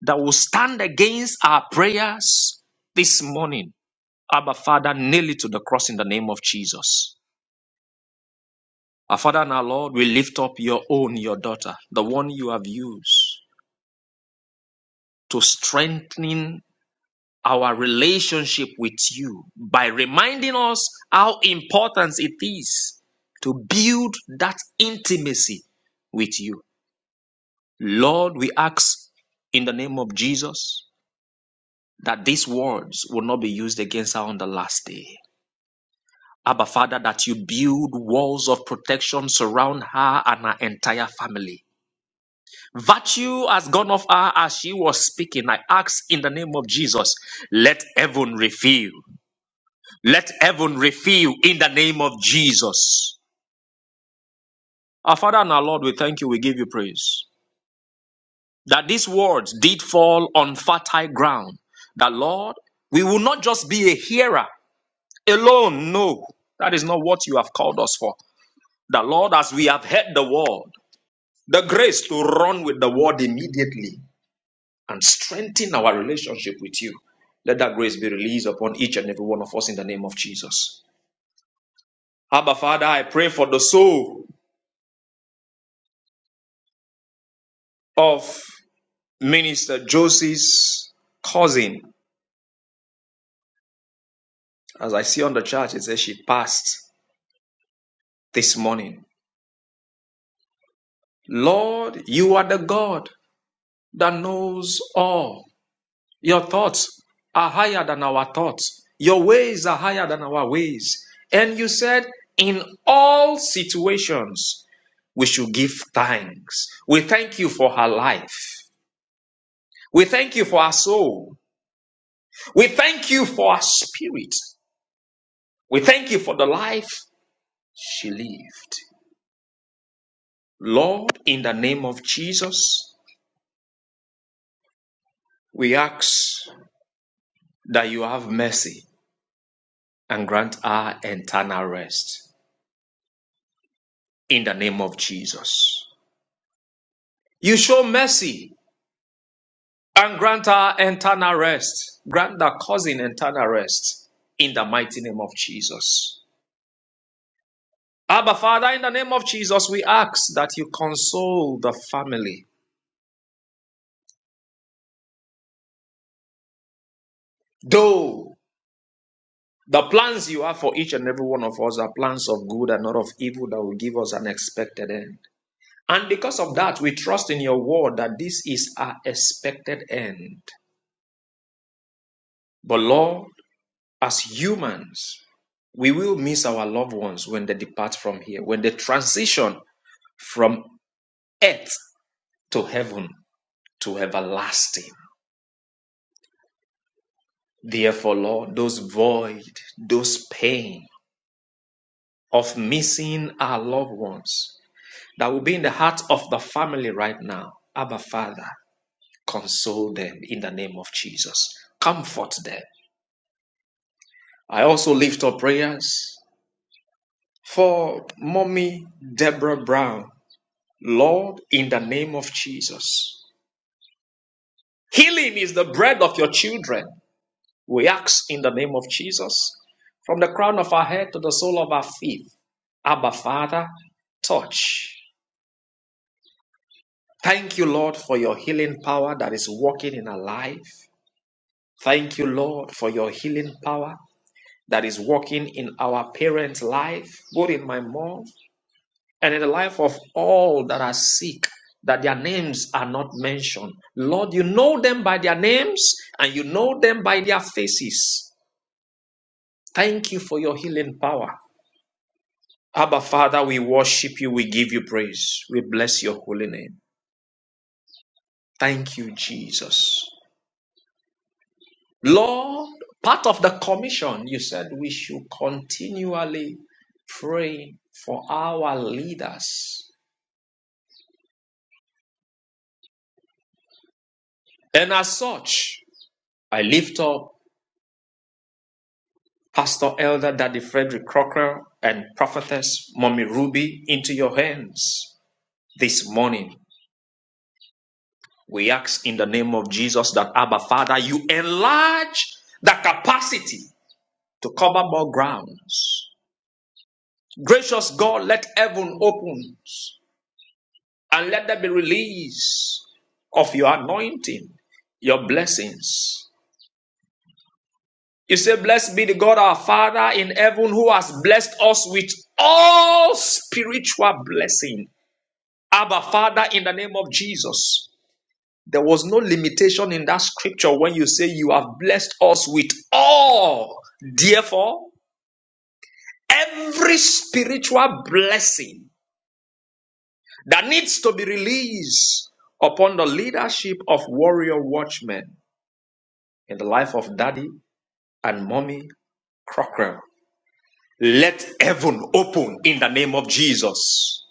E: that will stand against our prayers this morning. Abba, Father, nail it to the cross in the name of Jesus. Our Father and our Lord, we lift up your own, your daughter, the one you have used to strengthening our relationship with you by reminding us how important it is to build that intimacy with you. Lord, we ask in the name of Jesus that these words will not be used against her on the last day. Abba, Father, that you build walls of protection surround her and her entire family. Virtue has gone off her as she was speaking. I ask in the name of Jesus, let heaven refill. Let heaven refill in the name of Jesus. Our Father and our Lord, we thank you, we give you praise. That these words did fall on fertile ground. That Lord, we will not just be a hearer, alone. No, that is not what you have called us for. The Lord, as we have heard the word, the grace to run with the word immediately and strengthen our relationship with you. Let that grace be released upon each and every one of us in the name of Jesus. Abba, Father, I pray for the soul of Minister Josie's cousin. As I see on the chart, it says she passed this morning. Lord, you are the God that knows all. Your thoughts are higher than our thoughts. Your ways are higher than our ways. And you said, in all situations, we should give thanks. We thank you for her life. We thank you for her soul. We thank you for her spirit. We thank you for the life she lived. Lord, in the name of Jesus, we ask that you have mercy and grant her eternal rest. In the name of Jesus. You show mercy and grant her eternal rest. Grant that cousin eternal rest in the mighty name of Jesus. Abba, Father, in the name of Jesus, we ask that you console the family. Though the plans you have for each and every one of us are plans of good and not of evil that will give us an expected end. And because of that, we trust in your word that this is our expected end. But Lord, as humans, We will miss our loved ones when they depart from here, when they transition from earth to heaven to everlasting. Therefore, Lord, those void, those pain of missing our loved ones that will be in the heart of the family right now, Abba Father, console them in the name of Jesus. Comfort them. I also lift up prayers for mommy Deborah Brown. Lord, in the name of Jesus, Healing is the bread of your children. We ask in the name of Jesus, from the crown of our head to the sole of our feet. Abba, Father, touch. Thank you, Lord, for your healing power that is working in our life. Thank you, Lord, for your healing power that is working in our parents' life, both in my mom and in the life of all that are sick, that their names are not mentioned. Lord, you know them by their names and you know them by their faces. Thank you for your healing power. Abba, Father, we worship you. We give you praise. We bless your holy name. Thank you, Jesus. Lord, part of the commission, you said we should continually pray for our leaders. And as such, I lift up Pastor Elder Daddy Frederick Crocker and Prophetess Mommy Ruby into your hands this morning. We ask in the name of Jesus that Abba Father, you enlarge the capacity to cover more grounds. Gracious God, let heaven open and let there be release of your anointing, your blessings. You say, Blessed be the God our Father in heaven who has blessed us with all spiritual blessing. Abba Father, in the name of Jesus, There was no limitation in that scripture when you say you have blessed us with all. Therefore, every spiritual blessing that needs to be released upon the leadership of warrior watchmen in the life of daddy and mommy Crocker. Let heaven open in the name of Jesus.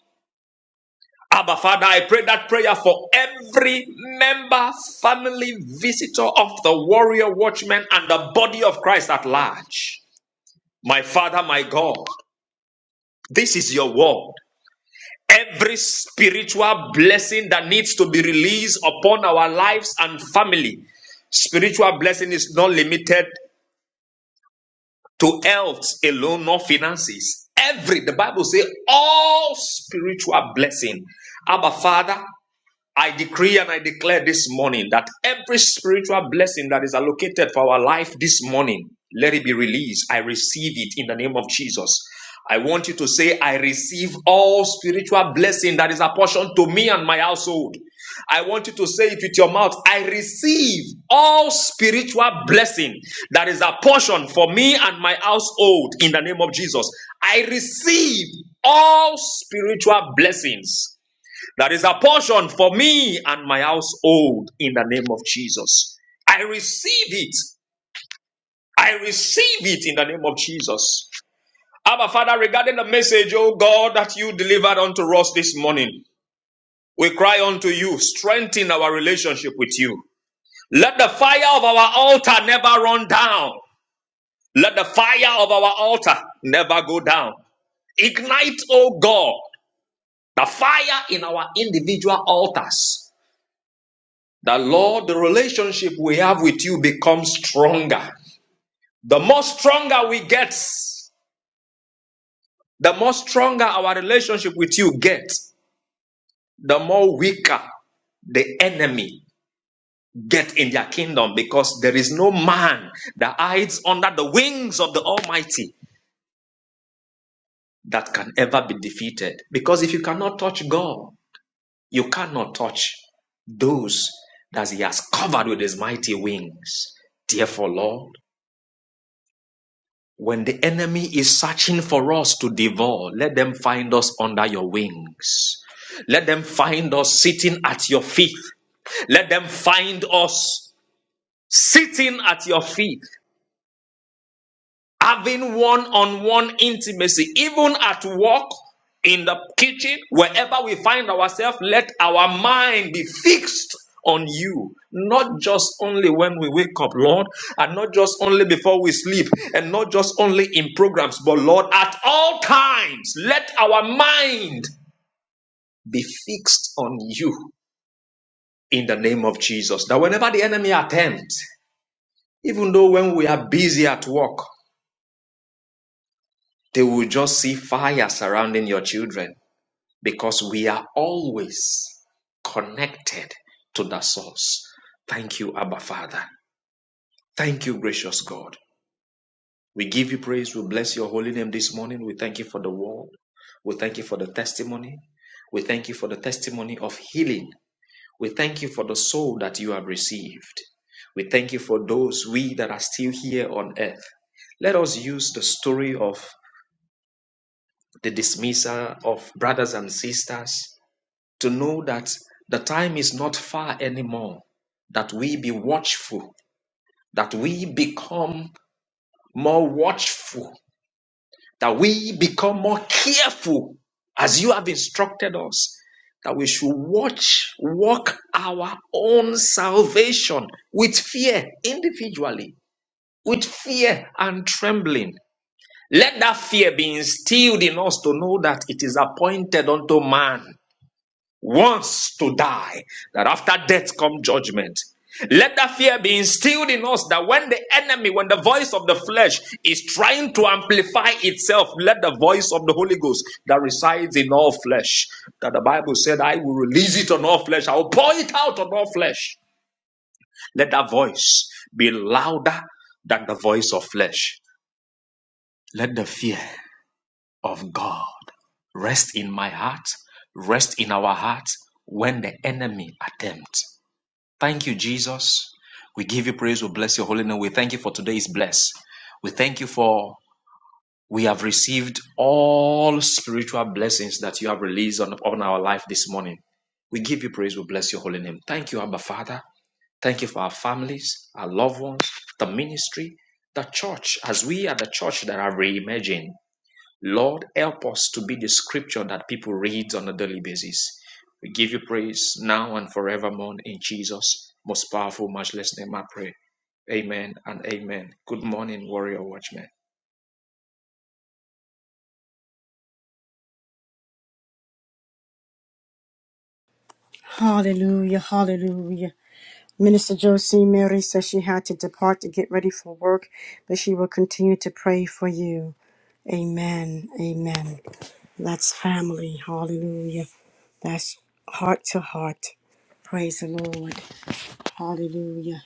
E: Abba Father, I pray that prayer for every member, family, visitor of the warrior watchman and the body of Christ at large. My Father, my God, this is your word. Every spiritual blessing that needs to be released upon our lives and family. Spiritual blessing is not limited to health alone, nor finances. Every, the Bible says, all spiritual blessing. Abba, Father, I decree and I declare this morning that every spiritual blessing that is allocated for our life this morning, let it be released. I receive it in the name of Jesus. I want you to say, I receive all spiritual blessing that is apportioned to me and my household. I want you to say it with your mouth. I receive all spiritual blessing that is apportioned for me and my household in the name of Jesus. I receive all spiritual blessings that is a portion for me and my household in the name of Jesus. I receive it. I receive it in the name of Jesus. Abba Father, regarding the message, oh God, that you delivered unto us this morning, we cry unto you, strengthen our relationship with you. Let the fire of our altar never run down. Let the fire of our altar never go down. Ignite, oh God, the fire in our individual altars that Lord, the relationship we have with you becomes stronger. The more stronger we get, the more stronger our relationship with you gets, the more weaker the enemy get in their kingdom because there is no man that hides under the wings of the Almighty that can ever be defeated. Because if you cannot touch God, you cannot touch those that He has covered with His mighty wings. Therefore, Lord, When the enemy is searching for us to devour, let them find us under your wings. Let them find us sitting at your feet. Let them find us sitting at your feet having one on one intimacy, even at work, in the kitchen, wherever we find ourselves, let our mind be fixed on you, not just only when we wake up, Lord, and not just only before we sleep, and not just only in programs, but Lord, at all times, let our mind be fixed on you in the name of Jesus. That whenever the enemy attempts, even though when we are busy at work, They will just see fire surrounding your children because we are always connected to the source. Thank you, Abba Father. Thank you, gracious God. We give you praise. We bless your holy name this morning. We thank you for the word. We thank you for the testimony. We thank you for the testimony of healing. We thank you for the soul that you have received. We thank you for those we that are still here on earth. Let us use the story of the dismissal of brothers and sisters, to know that the time is not far anymore, that we be watchful, that we become more watchful, that we become more careful as you have instructed us, that we should watch, walk our own salvation with fear individually, with fear and trembling. Let that fear be instilled in us to know that it is appointed unto man wants to die, that after death come judgment. Let that fear be instilled in us that when the enemy, when the voice of the flesh is trying to amplify itself, let the voice of the Holy Ghost that resides in all flesh, that the Bible said, I will release it on all flesh, I will pour it out on all flesh. Let that voice be louder than the voice of flesh. Let the fear of God rest in my heart, rest in our heart when the enemy attempts. Thank you, Jesus. We give you praise. We bless your holy name. We thank you for today's bless. We thank you for we have received all spiritual blessings that you have released on, on our life this morning. We give you praise. We bless your holy name. Thank you, Abba Father. Thank you for our families, our loved ones, the ministry, the church, as we are the church that are reimagined. Lord, help us to be the scripture that people read on a daily basis. We give you praise now and forevermore in Jesus' most powerful, matchless name. I pray. Amen and amen. Good morning, warrior watchmen.
A: Hallelujah. Hallelujah. Minister Josie Mary says she had to depart to get ready for work, but she will continue to pray for you. Amen. Amen. That's family. Hallelujah. That's heart to heart. Praise the Lord. Hallelujah.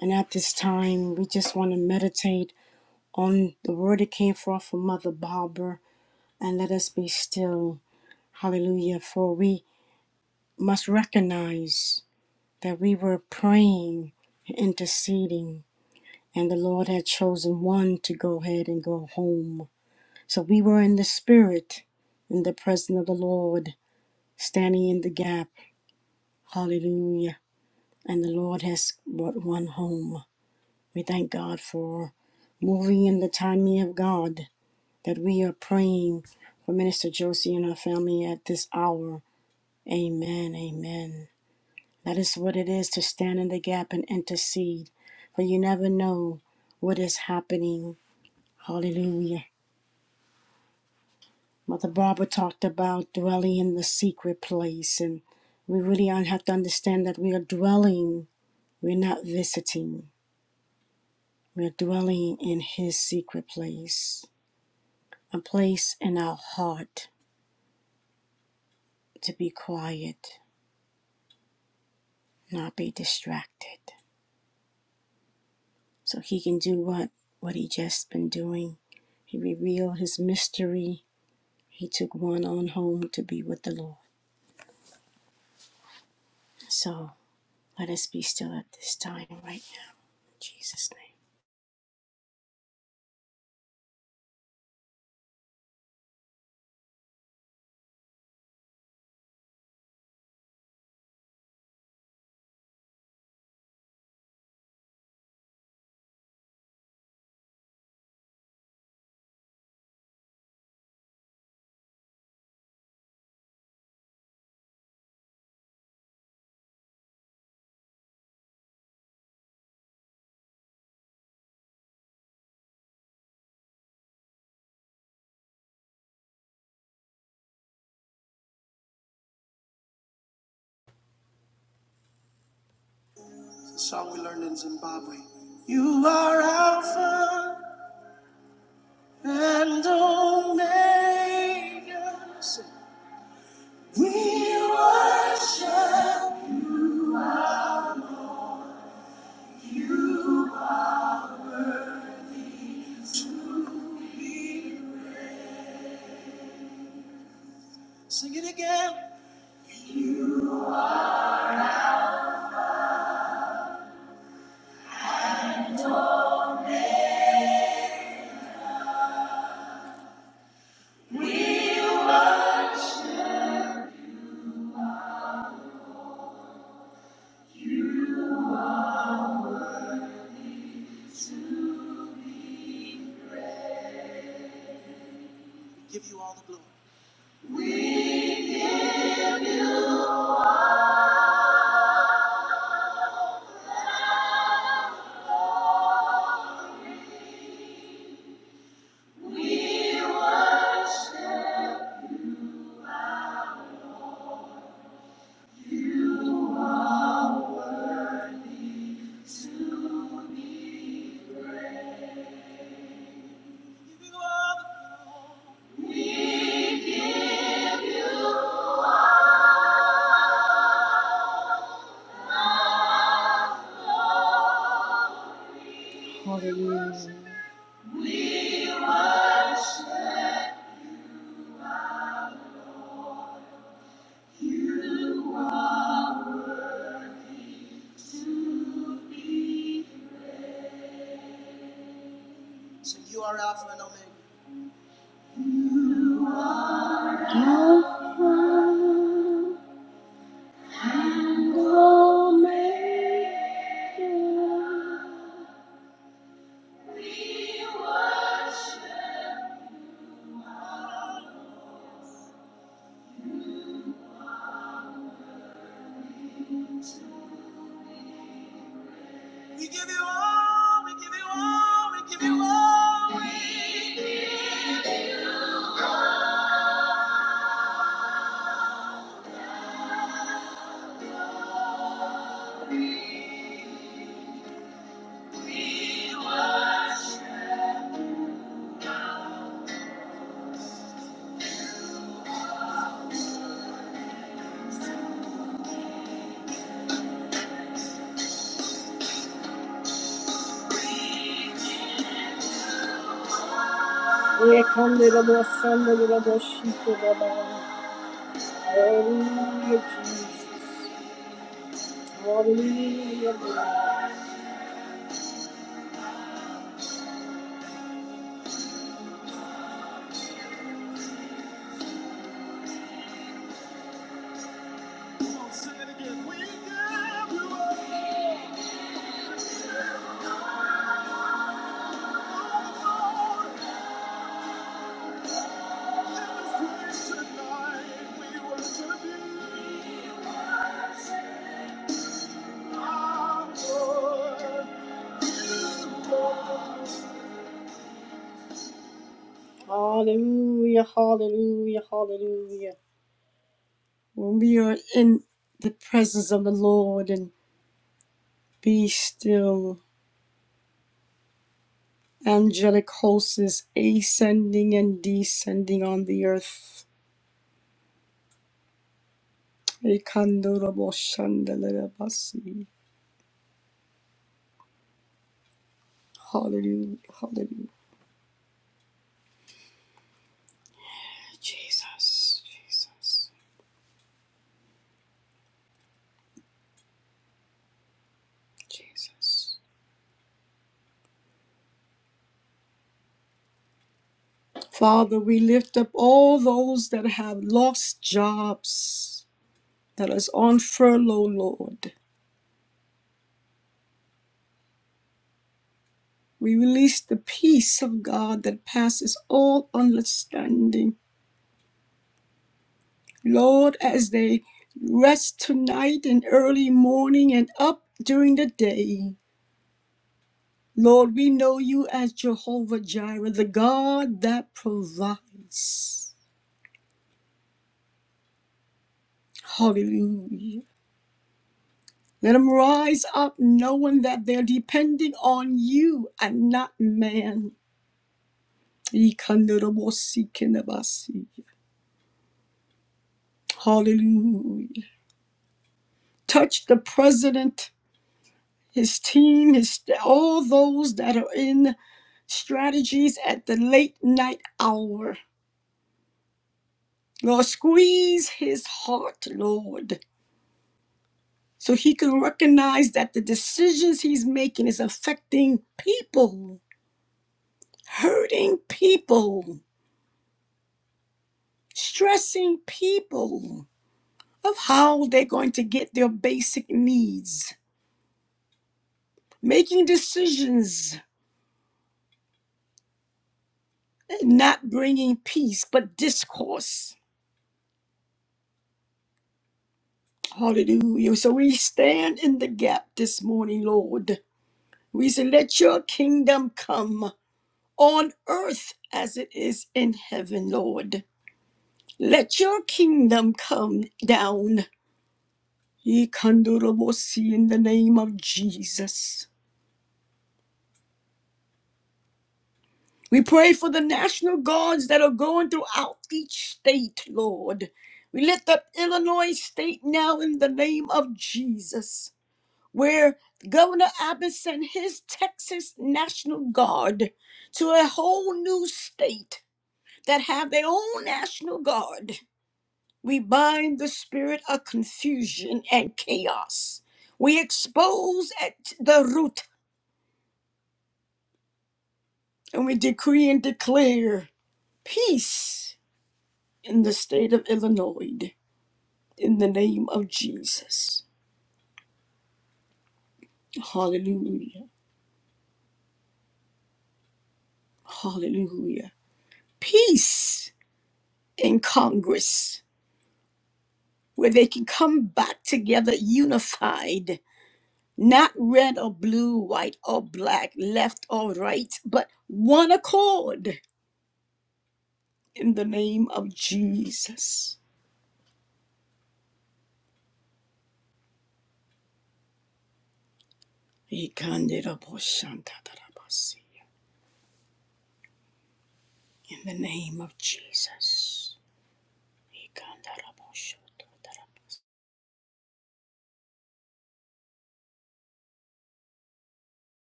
A: And at this time, we just want to meditate on the word that came forth from Mother Barbara and let us be still. Hallelujah. For we must recognize that we were praying, interceding and the Lord had chosen one to go ahead and go home. So we were in the spirit, in the presence of the Lord, standing in the gap. Hallelujah. And the Lord has brought one home. We thank God for moving in the timing of God that we are praying for Minister Josie and her family at this hour. Amen. Amen. That is what it is to stand in the gap and intercede, for you never know what is happening. Hallelujah Mother Barbara talked about dwelling in the secret place, and we really have to understand that we are dwelling, we're not visiting, we're dwelling in His secret place, a place in our heart to be quiet, not be distracted, so He can do what what He just been doing. He revealed His mystery. He took one on home to be with the Lord. So let us be still at this time right now, in Jesus' name. The song we learned in Zimbabwe. You are Alpha and Omega. Sing. We worship. Sing it again. We Give you all the glory. We Give you all the glory. Sing, you are Alpha and Omega. We give you all. We give you all. We give you all. We worship Lord. We worship you, Lord. When we are in the presence of the Lord and be still angelic hosts is ascending and descending on the earth. Ekandoroboshandalarabasi. Hallelujah, hallelujah. Jesus, Jesus, Jesus. Father, we lift up all those that have lost jobs, that is on furlough, Lord. We release the peace of God that passes all understanding Lord, as they rest tonight and early morning and up during the day, Lord, we know you as Jehovah Jireh, the God that provides. Hallelujah. Let them rise up knowing that they're depending on you and not man. Ikandarabosikinabasi. Hallelujah. Touch the president, his team, his all those that are in strategies at the late night hour. Lord, squeeze his heart, Lord, so he can recognize that the decisions he's making is affecting people, hurting people, stressing people of how they're going to get their basic needs, making decisions, not bringing peace, but discourse. Hallelujah. So we stand in the gap this morning, Lord We say, let your kingdom come on earth as it is in heaven, Lord. Let your kingdom come down. Yikandorobosi, In the name of Jesus. We pray for the national guards that are going throughout each state, Lord. We lift up Illinois State now in the name of Jesus, where Governor Abbott sent his Texas National Guard to a whole new state that have their own national guard. We bind the spirit of confusion and chaos. We expose at the root and we decree and declare peace in the state of Illinois in the name of Jesus. Hallelujah. Hallelujah. Peace in Congress where they can come back together unified not red or blue, white or black, left or right, but one accord in the name of Jesus. In the name of Jesus.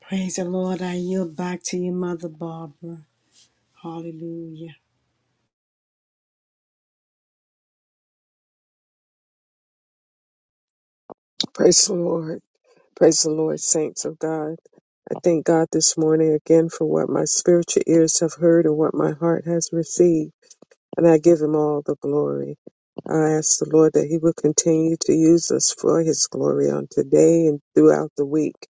A: Praise the Lord. I yield back to you, Mother Barbara. Hallelujah.
B: Praise the Lord. Praise the Lord, saints of God. I thank God this morning again for what my spiritual ears have heard and what my heart has received. and I give him all the glory. I ask the Lord that he will continue to use us for his glory on today and throughout the week.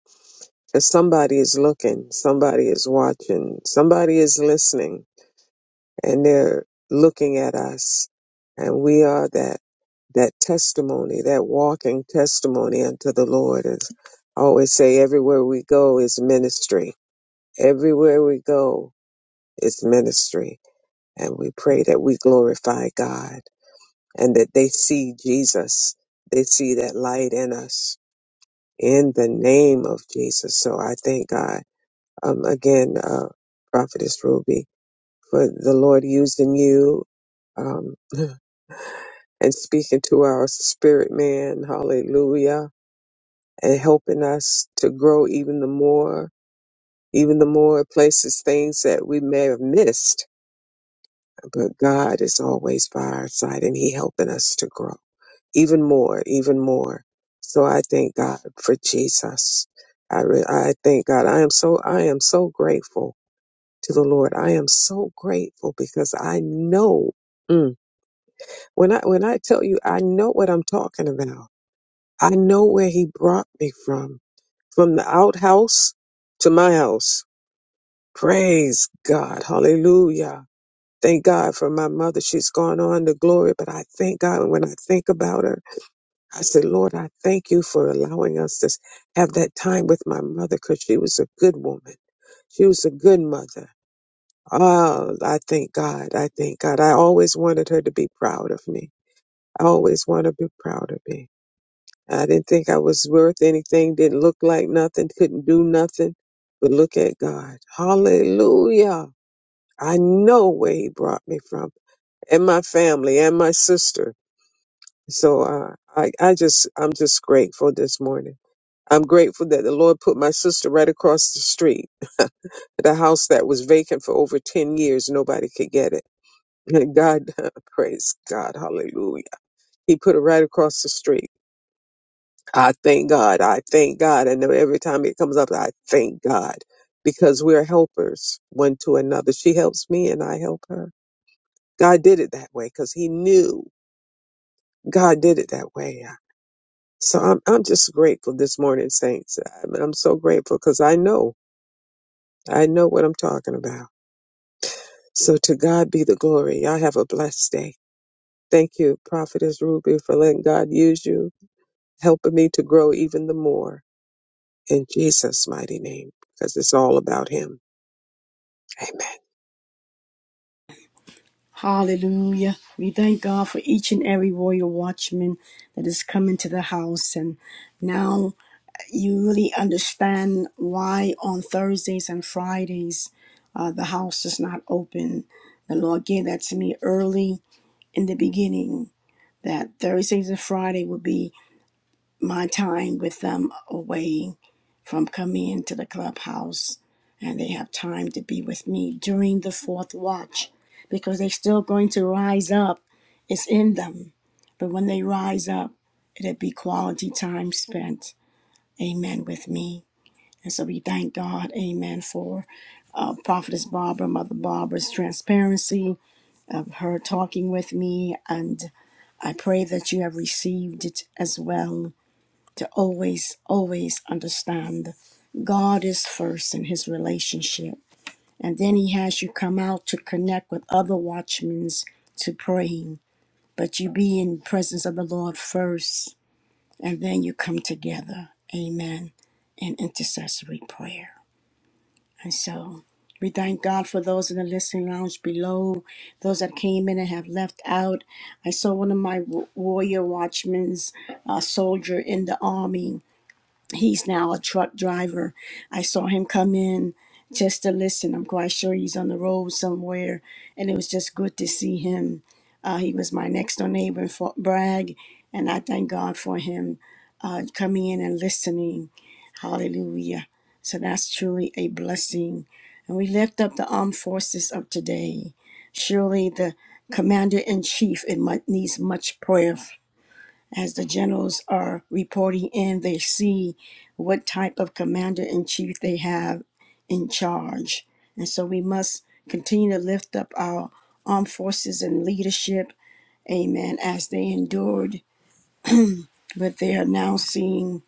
B: As somebody is looking, somebody is watching, somebody is listening, and they're looking at us, and we are that that testimony, that walking testimony unto the Lord. As I always say, everywhere we go is ministry. Everywhere we go is ministry. And we pray that we glorify God and that they see Jesus. They see that light in us in the name of Jesus. So I thank God. Um, again, uh, Prophetess Ruby, for the Lord using you um, and speaking to our spirit man. Hallelujah. And helping us to grow even the more, even the more places, things that we may have missed. But God is always by our side and He helping us to grow. even more, even more. So I thank God for Jesus. I re- I thank God. I am so I am so grateful to the Lord. I am so grateful because I know mm, when I when I tell you I know what I'm talking about. I know where He brought me from, from the outhouse to my house. Praise God, Hallelujah. Thank God for my mother. She's gone on to glory, but I thank God when I think about her. I said, Lord, I thank you for allowing us to have that time with my mother because she was a good woman. She was a good mother. Oh, I thank God. I thank God. I always wanted her to be proud of me. I always wanted to be proud of me. I didn't think I was worth anything, didn't look like nothing, couldn't do nothing. But look at God. Hallelujah. I know where he brought me from and my family and my sister. So uh, I, I just, I'm just grateful this morning. I'm grateful that the Lord put my sister right across the street at a house that was vacant for over 10 years. Nobody could get it. God, praise God. Hallelujah. He put it right across the street. I thank God. I thank God. And every time it comes up, I thank God because we're helpers one to another. She helps me and I help her. God did it that way because he knew God did it that way. So I'm, I'm just grateful this morning, saints. I'm, I'm so grateful because I know, I know what I'm talking about. So to God be the glory. I have a blessed day. Thank you, Prophetess Ruby, for letting God use you, helping me to grow even the more in Jesus' mighty name, because it's all about Him. Amen.
A: Hallelujah. We thank God for each and every royal watchman that is coming to the house. And now you really understand why on Thursdays and Fridays uh, the house is not open. The Lord gave that to me early in the beginning that Thursdays and Friday would be my time with them away from coming into the clubhouse and they have time to be with me during the fourth watch because they're still going to rise up. It's in them. But when they rise up, it'll be quality time spent. Amen with me. So we thank God, amen, for uh, Prophetess Barbara, Mother Barbara's transparency of her talking with me. And I pray that you have received it as well to always, always understand God is first in his relationship. And then he has you come out to connect with other watchmen to praying. But you be in presence of the Lord first, and then you come together. Amen. In intercessory prayer. So we thank God for those in the listening lounge below, those that came in and have left out. I saw one of my wa- warrior watchmen's uh, soldier in the army. He's now a truck driver. I saw him come in just to listen. I'm quite sure he's on the road somewhere, and it was just good to see him. Uh, he was my next door neighbor in Fort Bragg, and I thank God for him uh, coming in and listening. Hallelujah. So that's truly a blessing we lift up the armed forces of today. Surely the commander in chief it mu- needs much prayer as the generals are reporting in. They see what type of commander in chief they have in charge, and so we must continue to lift up our armed forces and leadership. Amen. As they endured what they are now seeing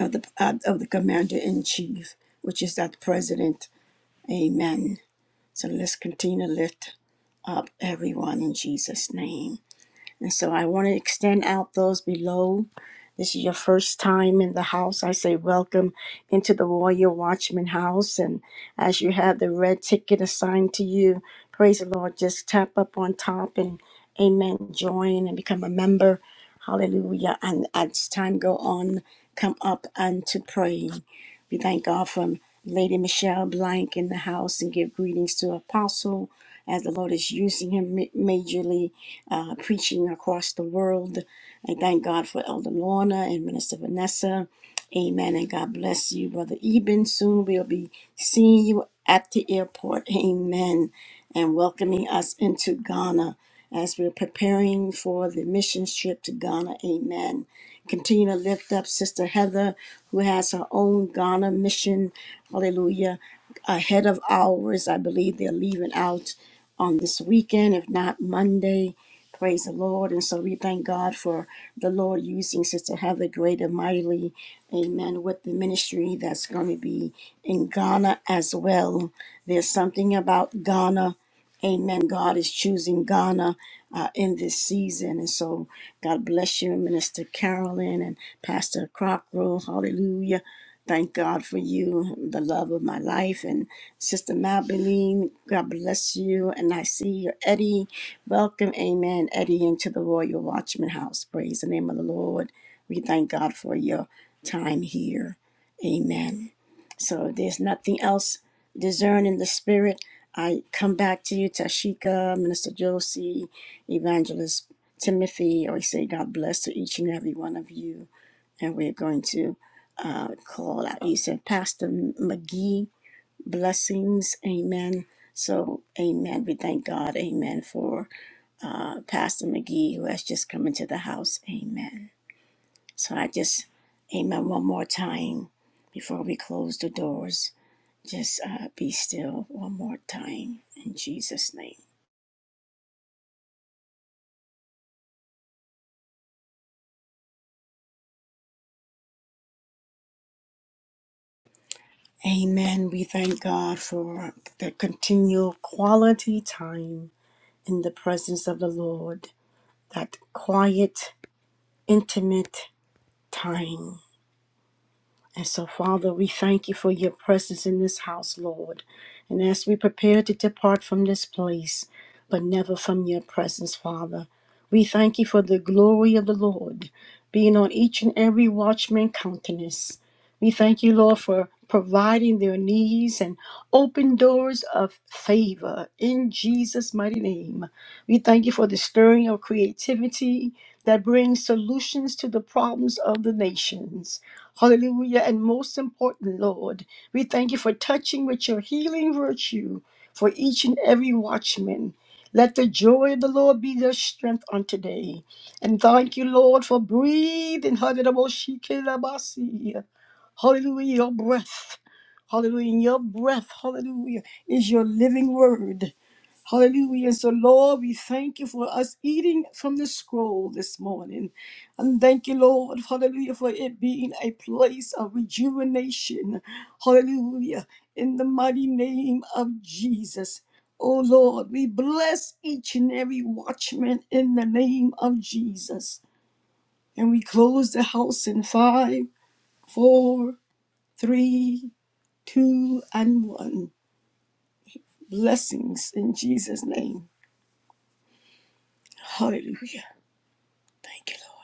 A: of the uh, of the commander in chief, which is that president. Amen. So let's continue to lift everyone in Jesus' name. And so I want to extend out those below. This is your first time in the house. I say welcome into the Warrior Watchman house. And as you have the red ticket assigned to you, praise the Lord, just tap up on top and amen, join and become a member. Hallelujah. And as time go on, come up and to pray. We thank God for Lady Michelle Blank in the house and give greetings to Apostle as the Lord is using him ma- majorly uh, preaching across the world. We thank God for Elder Lorna and Minister Vanessa Amen. And God bless you, Brother Eben. Soon we'll be seeing you at the airport. Amen. And welcoming us into Ghana as we're preparing for the missions trip to Ghana. Amen. Continue to lift up Sister Heather, who has her own Ghana mission. Hallelujah. Ahead of ours, I believe they're leaving out on this weekend, if not Monday. Praise the Lord. And so we thank God for the Lord using Sister Heather great and mightily Amen. With the ministry that's going to be in Ghana as well. There's something about Ghana Amen. God is choosing Ghana uh, in this season. And so, God bless you, Minister Carolyn and Pastor Crocker. Hallelujah. Thank God for you, the love of my life. And Sister Mabeline, God bless you. And I see your Eddie. Welcome, amen, Eddie, into the Royal Watchman House. Praise the name of the Lord. We thank God for your time here. Amen. So there's nothing else discern in the spirit, I come back to you, Tashika, Minister Josie, Evangelist Timothy. I always say God bless to each and every one of you. And we're going to uh, call out. You said Pastor McGee, blessings. Amen. So, amen. We thank God. Amen. For uh, Pastor McGee, who has just come into the house. Amen. So I just, amen, one more time before we close the doors. Just uh, be still one more time in Jesus' name. Amen. We thank God for the continual quality time in the presence of the Lord, that quiet, intimate time. And so, Father, we thank you for your presence in this house, Lord. And as we prepare to depart from this place, but never from your presence, Father, we thank you for the glory of the Lord being on each and every watchman countenance. We thank you, Lord, for providing their needs and open doors of favor in Jesus' mighty name. We thank you for the stirring of creativity that brings solutions to the problems of the nations. Hallelujah. And most important, Lord, we thank you for touching with your healing virtue for each and every watchman. Let the joy of the Lord be their strength on today. And thank you, Lord, for breathing. Hallelujah. Hallelujah, your breath. Hallelujah. Your breath, hallelujah, is your living word. Hallelujah. So, Lord, we thank you for us eating from the scroll this morning. And thank you, Lord, hallelujah, for it being a place of rejuvenation. Hallelujah. In the mighty name of Jesus. Oh, Lord, we bless each and every watchman in the name of Jesus. And we close the house in five, four, three, two, and one. Blessings in Jesus' name. Hallelujah. Thank you, Lord.